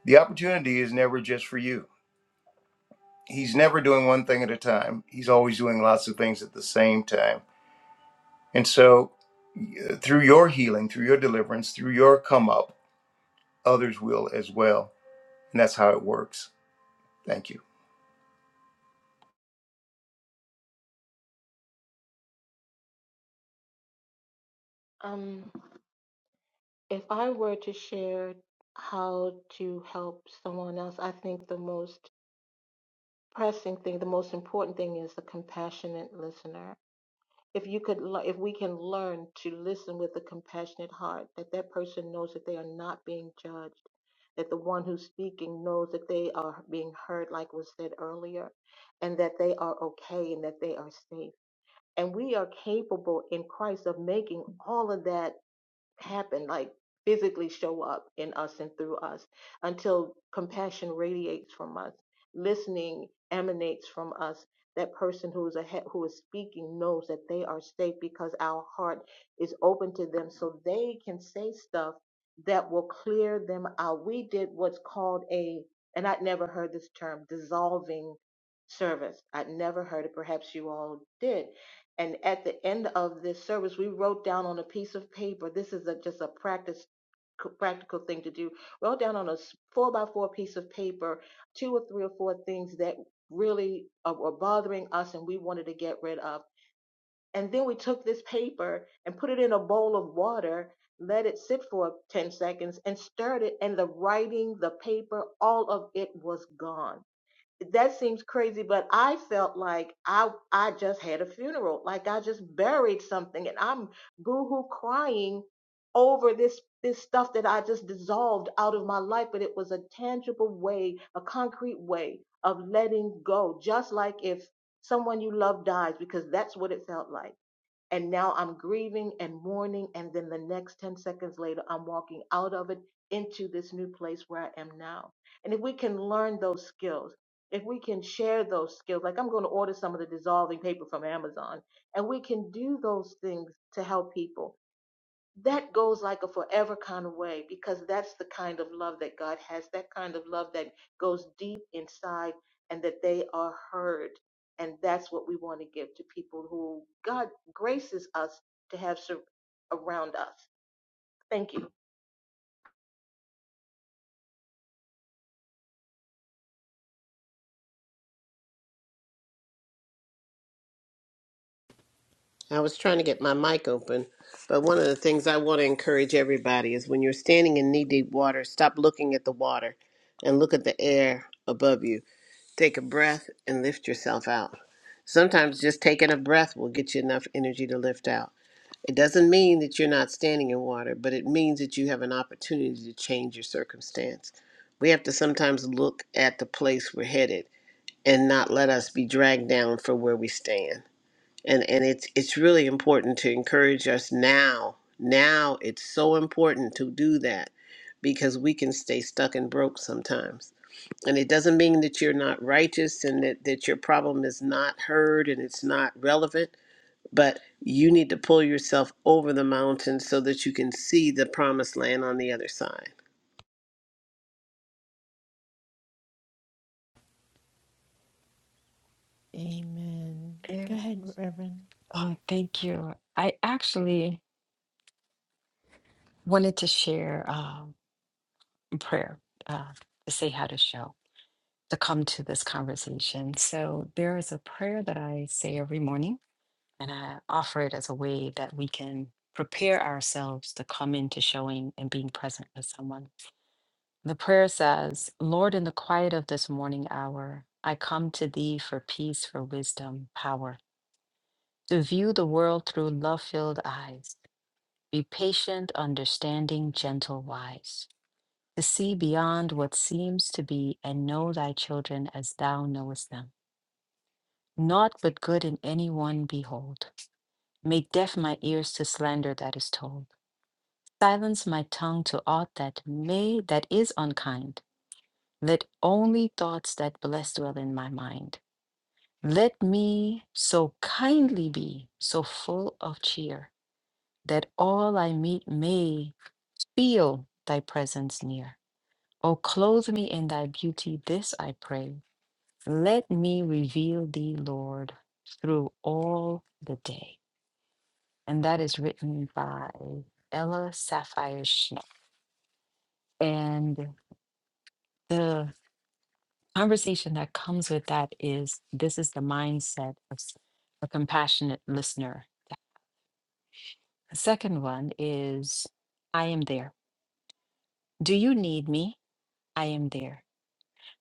the opportunity is never just for you. He's never doing one thing at a time, he's always doing lots of things at the same time. And so, y- through your healing, through your deliverance, through your come up, others will as well. And that's how it works. Thank you.
Um, if I were to share how to help someone else, I think the most pressing thing, the most important thing is the compassionate listener. If you could, if we can learn to listen with a compassionate heart, that that person knows that they are not being judged, that the one who's speaking knows that they are being heard, like was said earlier, and that they are okay and that they are safe. And we are capable in Christ of making all of that happen, like physically show up in us and through us until compassion radiates from us, listening emanates from us. That person who is ahead, who is speaking knows that they are safe because our heart is open to them, so they can say stuff that will clear them out. We did what's called a, and I'd never heard this term, dissolving service. I'd never heard it. Perhaps you all did and at the end of this service, we wrote down on a piece of paper. This is a, just a practice, practical thing to do. Wrote down on a s- four by four piece of paper two or three or four things that really are, were bothering us and we wanted to get rid of. And then we took this paper and put it in a bowl of water, let it sit for 10 seconds, and stirred it. And the writing, the paper, all of it was gone that seems crazy but i felt like i i just had a funeral like i just buried something and i'm boohoo crying over this this stuff that i just dissolved out of my life but it was a tangible way a concrete way of letting go just like if someone you love dies because that's what it felt like and now I'm grieving and mourning. And then the next 10 seconds later, I'm walking out of it into this new place where I am now. And if we can learn those skills, if we can share those skills, like I'm going to order some of the dissolving paper from Amazon, and we can do those things to help people that goes like a forever kind of way because that's the kind of love that God has, that kind of love that goes deep inside and that they are heard. And that's what we want to give to people who God graces us to have sur- around us. Thank you.
I was trying to get my mic open, but one of the things I want to encourage everybody is when you're standing in knee deep water, stop looking at the water and look at the air above you. Take a breath and lift yourself out. Sometimes just taking a breath will get you enough energy to lift out. It doesn't mean that you're not standing in water, but it means that you have an opportunity to change your circumstance. We have to sometimes look at the place we're headed and not let us be dragged down for where we stand. And and it's it's really important to encourage us now. Now it's so important to do that because we can stay stuck and broke sometimes. And it doesn't mean that you're not righteous and that, that your problem is not heard and it's not relevant but you need to pull yourself over the mountain so that you can see the promised land on the other side
Amen. Go
Amen.
ahead, Reverend.
Oh, thank you. I actually wanted to share um, a prayer uh, to say how to show, to come to this conversation. So there is a prayer that I say every morning, and I offer it as a way that we can prepare ourselves to come into showing and being present with someone. The prayer says, Lord, in the quiet of this morning hour, I come to thee for peace, for wisdom, power, to view the world through love filled eyes. Be patient, understanding, gentle, wise, to see beyond what seems to be, and know thy children as thou knowest them. Naught but good in any one behold. Make deaf my ears to slander that is told. Silence my tongue to aught that may that is unkind. Let only thoughts that bless dwell in my mind. Let me so kindly be, so full of cheer, that all I meet may feel thy presence near. O clothe me in thy beauty, this I pray. Let me reveal thee, Lord, through all the day. And that is written by Ella Sapphire Schnapp. And the conversation that comes with that is this is the mindset of s- a compassionate listener. The second one is I am there. Do you need me? I am there.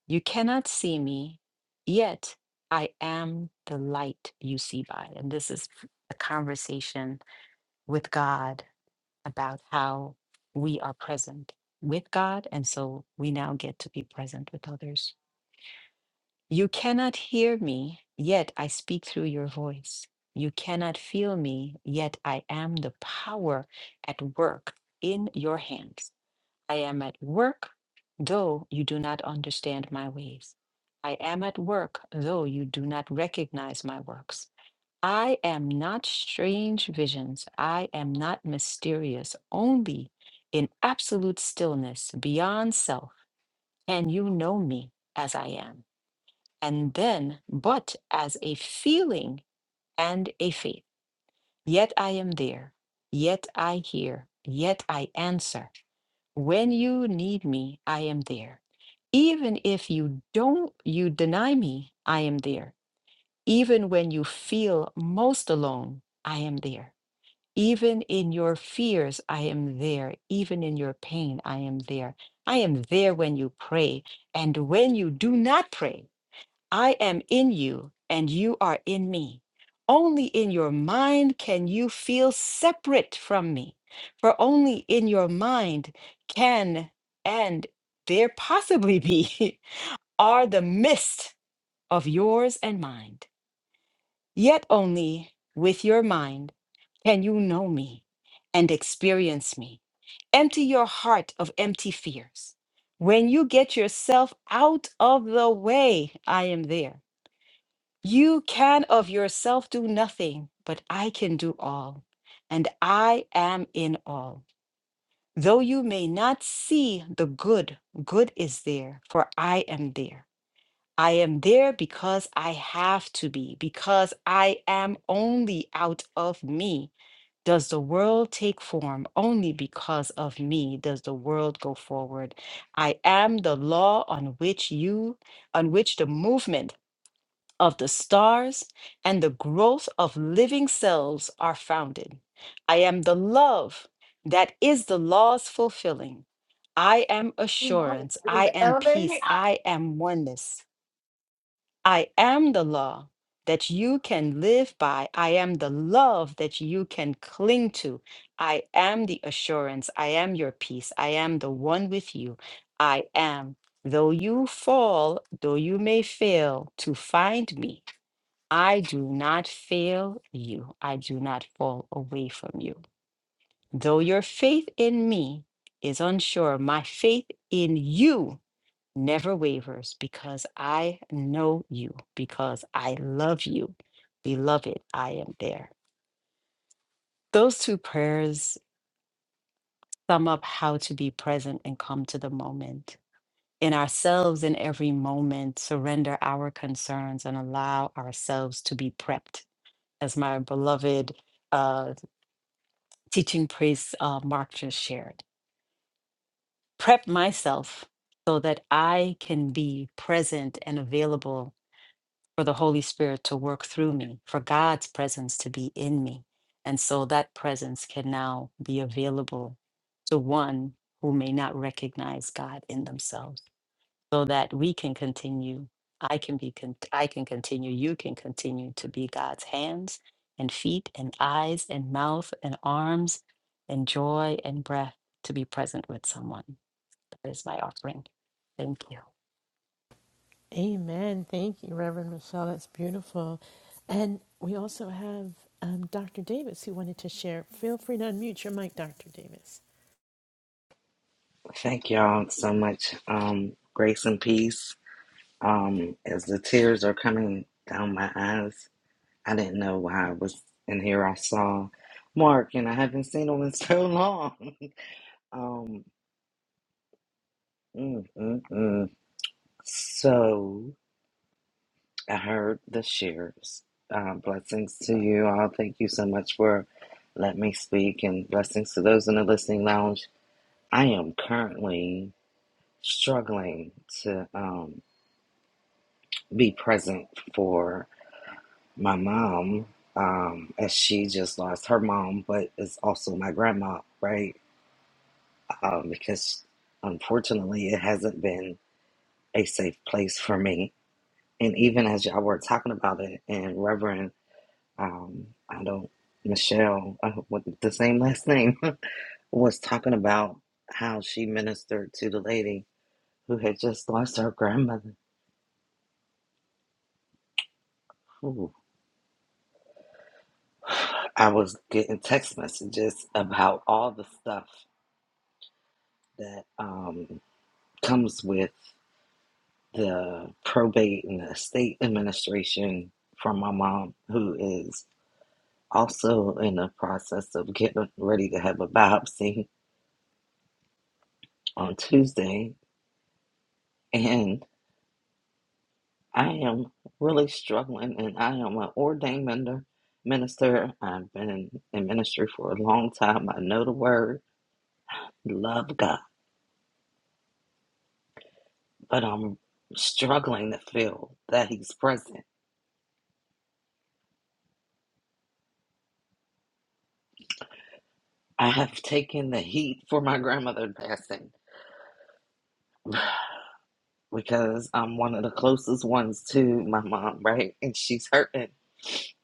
You cannot see me, yet I am the light you see by. And this is a conversation with God about how we are present with God. And so we now get to be present with others. You cannot hear me, yet I speak through your voice. You cannot feel me, yet I am the power at work in your hands. I am at work, though you do not understand my ways. I am at work, though you do not recognize my works. I am not strange visions. I am not mysterious. Only in absolute stillness, beyond self, can you know me as I am. And then, but as a feeling and a faith. Yet I am there. Yet I hear. Yet I answer when you need me, I am there. Even if you don't, you deny me, I am there. Even when you feel most alone, I am there. Even in your fears, I am there. Even in your pain, I am there. I am there when you pray. And when you do not pray, I am in you and you are in me. Only in your mind can you feel separate from me, for only in your mind can and there possibly be [LAUGHS] are the mist of yours and mind. Yet only with your mind can you know me and experience me. Empty your heart of empty fears. When you get yourself out of the way, I am there. You can of yourself do nothing, but I can do all, and I am in all. Though you may not see the good, good is there, for I am there. I am there because I have to be, because I am only out of me. Does the world take form? Only because of me does the world go forward. I am the law on which you, on which the movement of the stars and the growth of living cells are founded. I am the love that is the law's fulfilling. I am
You
assurance. I
good?
am peace.
Elevated?
I am oneness. I am the law that you can live by. I am the love that you can cling to. I am the assurance. I am your peace. I am the one with you. I am. Though you fall, though you may fail, to find me. I do not fail you. I do not fall away from you. Though your faith in me is unsure, my faith in you never wavers because I know you, because I love you. Beloved, I am there. Those two prayers sum up how to be present and come to the moment. In ourselves, in every moment, surrender our concerns and allow ourselves to be prepped. As my beloved uh, teaching priest uh, Mark just shared. Prep myself so that I can be present and available for the Holy Spirit to work through me, for God's presence to be in me. And so that presence can now be available to one who may not recognize God in themselves so that we can continue i can be con- i can continue you can continue to be god's hands and feet and eyes and mouth and arms and joy and breath to be present with someone that is my offering thank you
Amen. Thank you, Reverend Michelle. That's beautiful. And we also have um, Dr. Davis who wanted to share. Feel free to unmute your mic, Dr. Davis.
Thank y'all so much. Um, grace and peace. Um, as the tears are coming down my eyes, I didn't know why I was in here. I saw Mark, and I haven't seen him in so long. [LAUGHS] Um, mm, mm, mm. So I heard the shares. Uh, blessings to you all. Thank you so much for letting me speak, and blessings to those in the listening lounge. I am currently struggling to. Um, be present for my mom um, as she just lost her mom, but is also my grandma, right? Um, because unfortunately, it hasn't been a safe place for me. And even as y'all were talking about it, and Reverend, um, I don't, Michelle, uh, with the same last name, [LAUGHS] was talking about how she ministered to the lady who had just lost her grandmother. Ooh. I was getting text messages about all the stuff that um, comes with the probate and the estate administration from my mom, who is also in the process of getting ready to have a biopsy on Tuesday. And I am really struggling, and I am an ordained mender, minister. I've been in ministry for a long time. I know the word, love God, but I'm struggling to feel that He's present I have taken the heat for my grandmother passing [LAUGHS] because I'm one of the closest ones to my mom, right? And she's hurting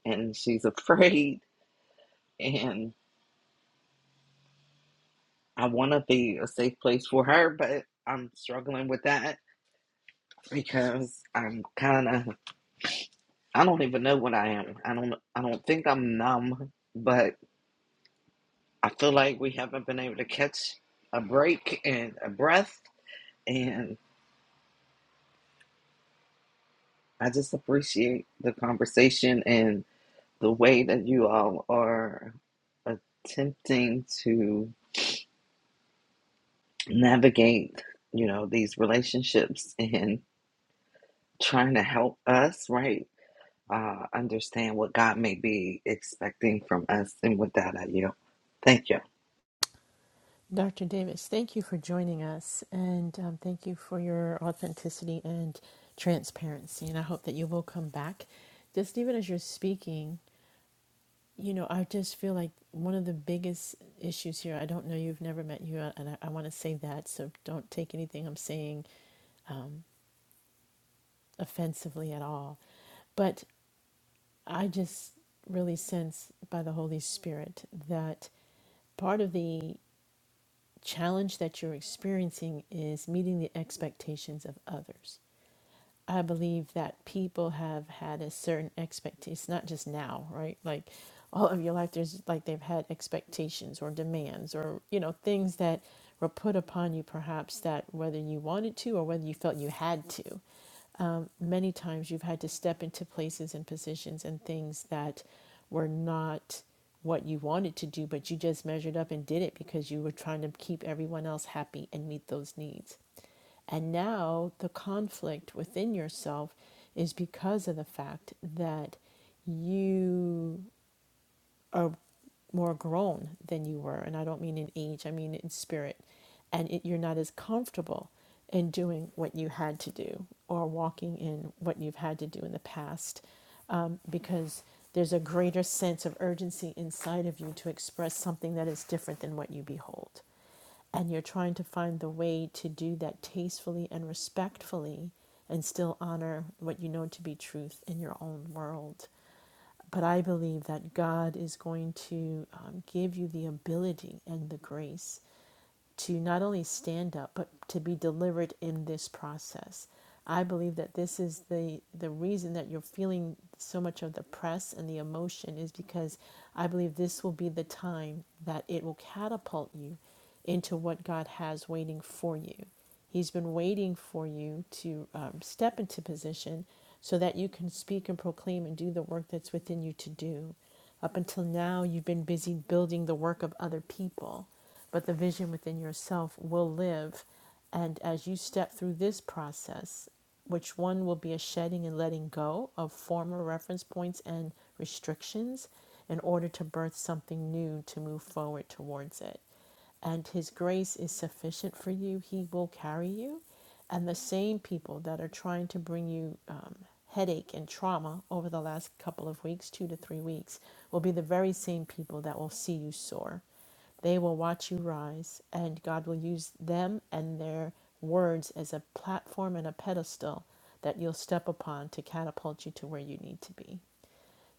and she's afraid. And I want to be a safe place for her, but I'm struggling with that because I'm kind of, I don't even know what I am. I don't, I don't think I'm numb, but I feel like we haven't been able to catch a break and a breath. And I just appreciate the conversation. and. the way that you all are attempting to navigate, you know, these relationships and trying to help us, right? Uh, understand what God may be expecting from us. And with that, I yield. Thank you.
Dr. Davis, thank you for joining us and um, thank you for your authenticity and transparency. And I hope that you will come back. Just even as you're speaking, you know, I just feel like one of the biggest issues here, I don't know, you've never met you, and I, I want to say that, so don't take anything I'm saying offensively at all. But I just really sense by the Holy Spirit that part of the challenge that you're experiencing is meeting the expectations of others I believe that people have had a certain expectation. It's not just now, right? Like all of your life, there's like they've had expectations or demands or, you know, things that were put upon you perhaps that whether you wanted to or whether you felt you had to um, many times you've had to step into places and positions and things that were not what you wanted to do, but you just measured up and did it because you were trying to keep everyone else happy and meet those needs. And now the conflict within yourself is because of the fact that you are more grown than you were. And I don't mean in age, I mean in spirit. And it, you're not as comfortable in doing what you had to do or walking in what you've had to do in the past um, because there's a greater sense of urgency inside of you to express something that is different than what you behold. And you're trying to find the way to do that tastefully and respectfully and still honor what you know to be truth in your own world. But I believe that God is going to um, give you the ability and the grace to not only stand up, but to be delivered in this process. I believe that this is the, the reason that you're feeling so much of the press and the emotion is because I believe this will be the time that it will catapult you into what God has waiting for you. He's been waiting for you to um, step into position so that you can speak and proclaim and do the work that's within you to do. Up until now, you've been busy building the work of other people, but the vision within yourself will live. And as you step through this process, which one will be a shedding and letting go of former reference points and restrictions in order to birth something new to move forward towards it and His grace is sufficient for you, He will carry you. And the same people that are trying to bring you um, headache and trauma over the last couple of weeks, two to three weeks, will be the very same people that will see you soar. They will watch you rise, and God will use them and their words as a platform and a pedestal that you'll step upon to catapult you to where you need to be.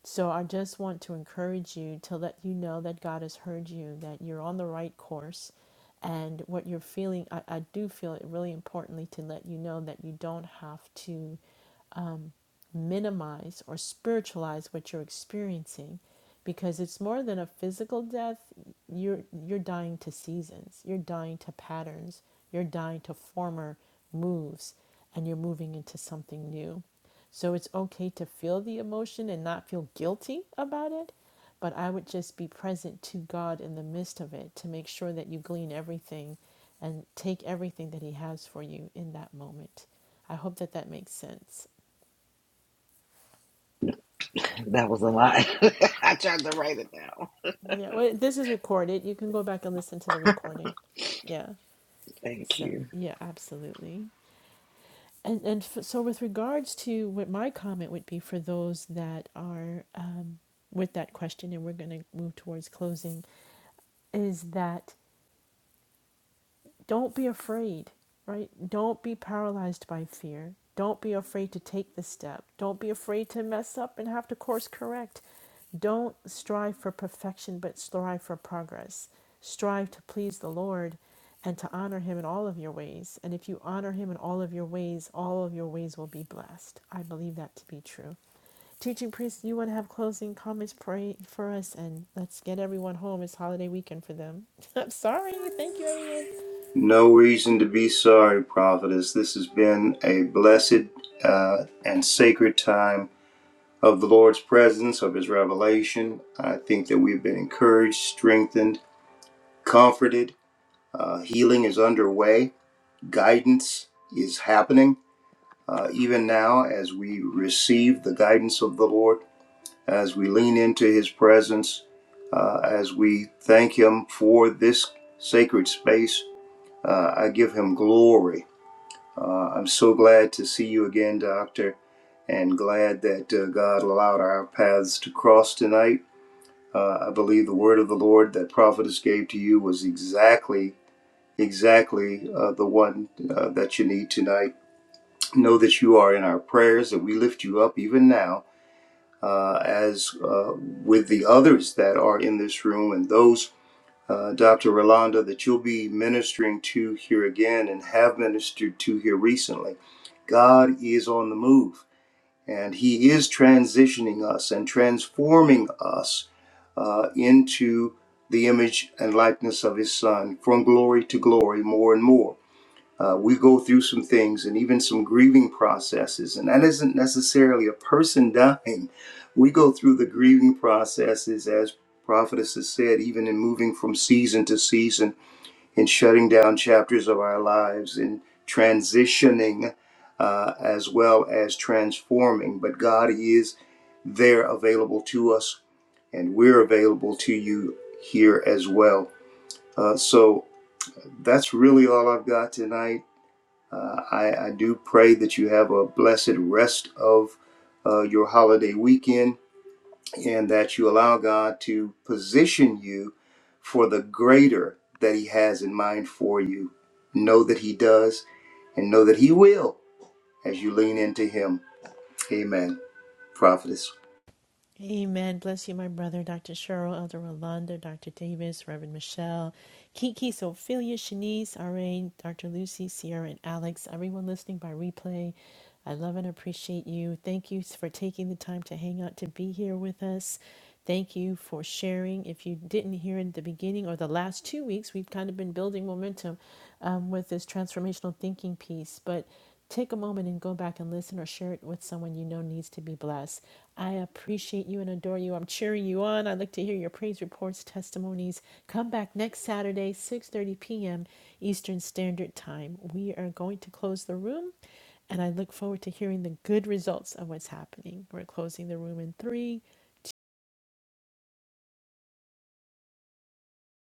So I just want to encourage you to let you know that God has heard you, that you're on the right course. And what you're feeling, I, I do feel it really importantly to let you know that you don't have to minimize or spiritualize what you're experiencing because it's more than a physical death you're you're dying to seasons you're dying to patterns you're dying to former moves and you're moving into something new so it's okay to feel the emotion and not feel guilty about it but I would just be present to God in the midst of it to make sure that you glean everything and take everything that He has for you in that moment. I hope that that makes sense.
That was a lot. [LAUGHS] I tried to write it down.
Yeah, well, this is recorded. You can go back and listen to the recording. Yeah.
Thank
So,
you.
yeah, absolutely. And and f- so with regards to what my comment would be for those that are um, with that question, and we're going to move towards closing, is that don't be afraid, right? Don't be paralyzed by fear. Don't be afraid to take the step. Don't be afraid to mess up and have to course correct. Don't strive for perfection, but strive for progress. Strive to please the Lord and to honor Him in all of your ways. And if you honor Him in all of your ways, all of your ways will be blessed. I believe that to be true. Teaching priests, you want to have closing comments, pray for us, and let's get everyone home. It's holiday weekend for them. [LAUGHS] I'm sorry. Thank you, everyone.
No reason to be sorry, prophetess. This has been a blessed uh, and sacred time of the Lord's presence, of his revelation. I think that we've been encouraged, strengthened, comforted. Uh, healing is underway, guidance is happening. Uh, even now, as we receive the guidance of the Lord, as we lean into his presence, uh, as we thank him for this sacred space, uh, I give him glory Uh, I'm so glad to see you again, Doctor, and glad that uh, God allowed our paths to cross tonight. Uh, I believe the word of the Lord that prophetess gave to you was exactly, exactly uh, the one uh, that you need tonight. Know that you are in our prayers, and we lift you up even now, uh, as uh, with the others that are in this room and those uh, Dr. Rolanda, that you'll be ministering to here again and have ministered to here recently. God is on the move, and He is transitioning us and transforming us uh, into the image and likeness of His Son from glory to glory more and more. Uh, we go through some things and even some grieving processes, and that isn't necessarily a person dying. We go through the grieving processes, as prophetess has said, even in moving from season to season, in shutting down chapters of our lives, in transitioning, uh, as well as transforming. But God is there available to us, and we're available to you here as well. Uh, so that's really all I've got tonight. Uh, I, I do pray that you have a blessed rest of uh, your holiday weekend and that you allow God to position you for the greater that He has in mind for you. Know that He does and know that He will as you lean into Him. Amen. Prophetess.
Amen. Bless you, my brother, Dr. Cheryl, Elder Rolanda, Dr. Davis, Reverend Michelle, Kiki, Sophia, Shanice, RA, Dr. Lucy, Sierra, and Alex, everyone listening by replay. I love and appreciate you. Thank you for taking the time to hang out to be here with us. Thank you for sharing. If you didn't hear in the beginning or the last two weeks, we've kind of been building momentum um, with this transformational thinking piece. But Take a moment and go back and listen or share it with someone you know needs to be blessed. I appreciate you and adore you. I'm cheering you on. I'd like to hear your praise reports, testimonies. Come back next Saturday, 6:30 p.m. Eastern Standard Time. We are going to close the room and I look forward to hearing the good results of what's happening. We're closing the room in three,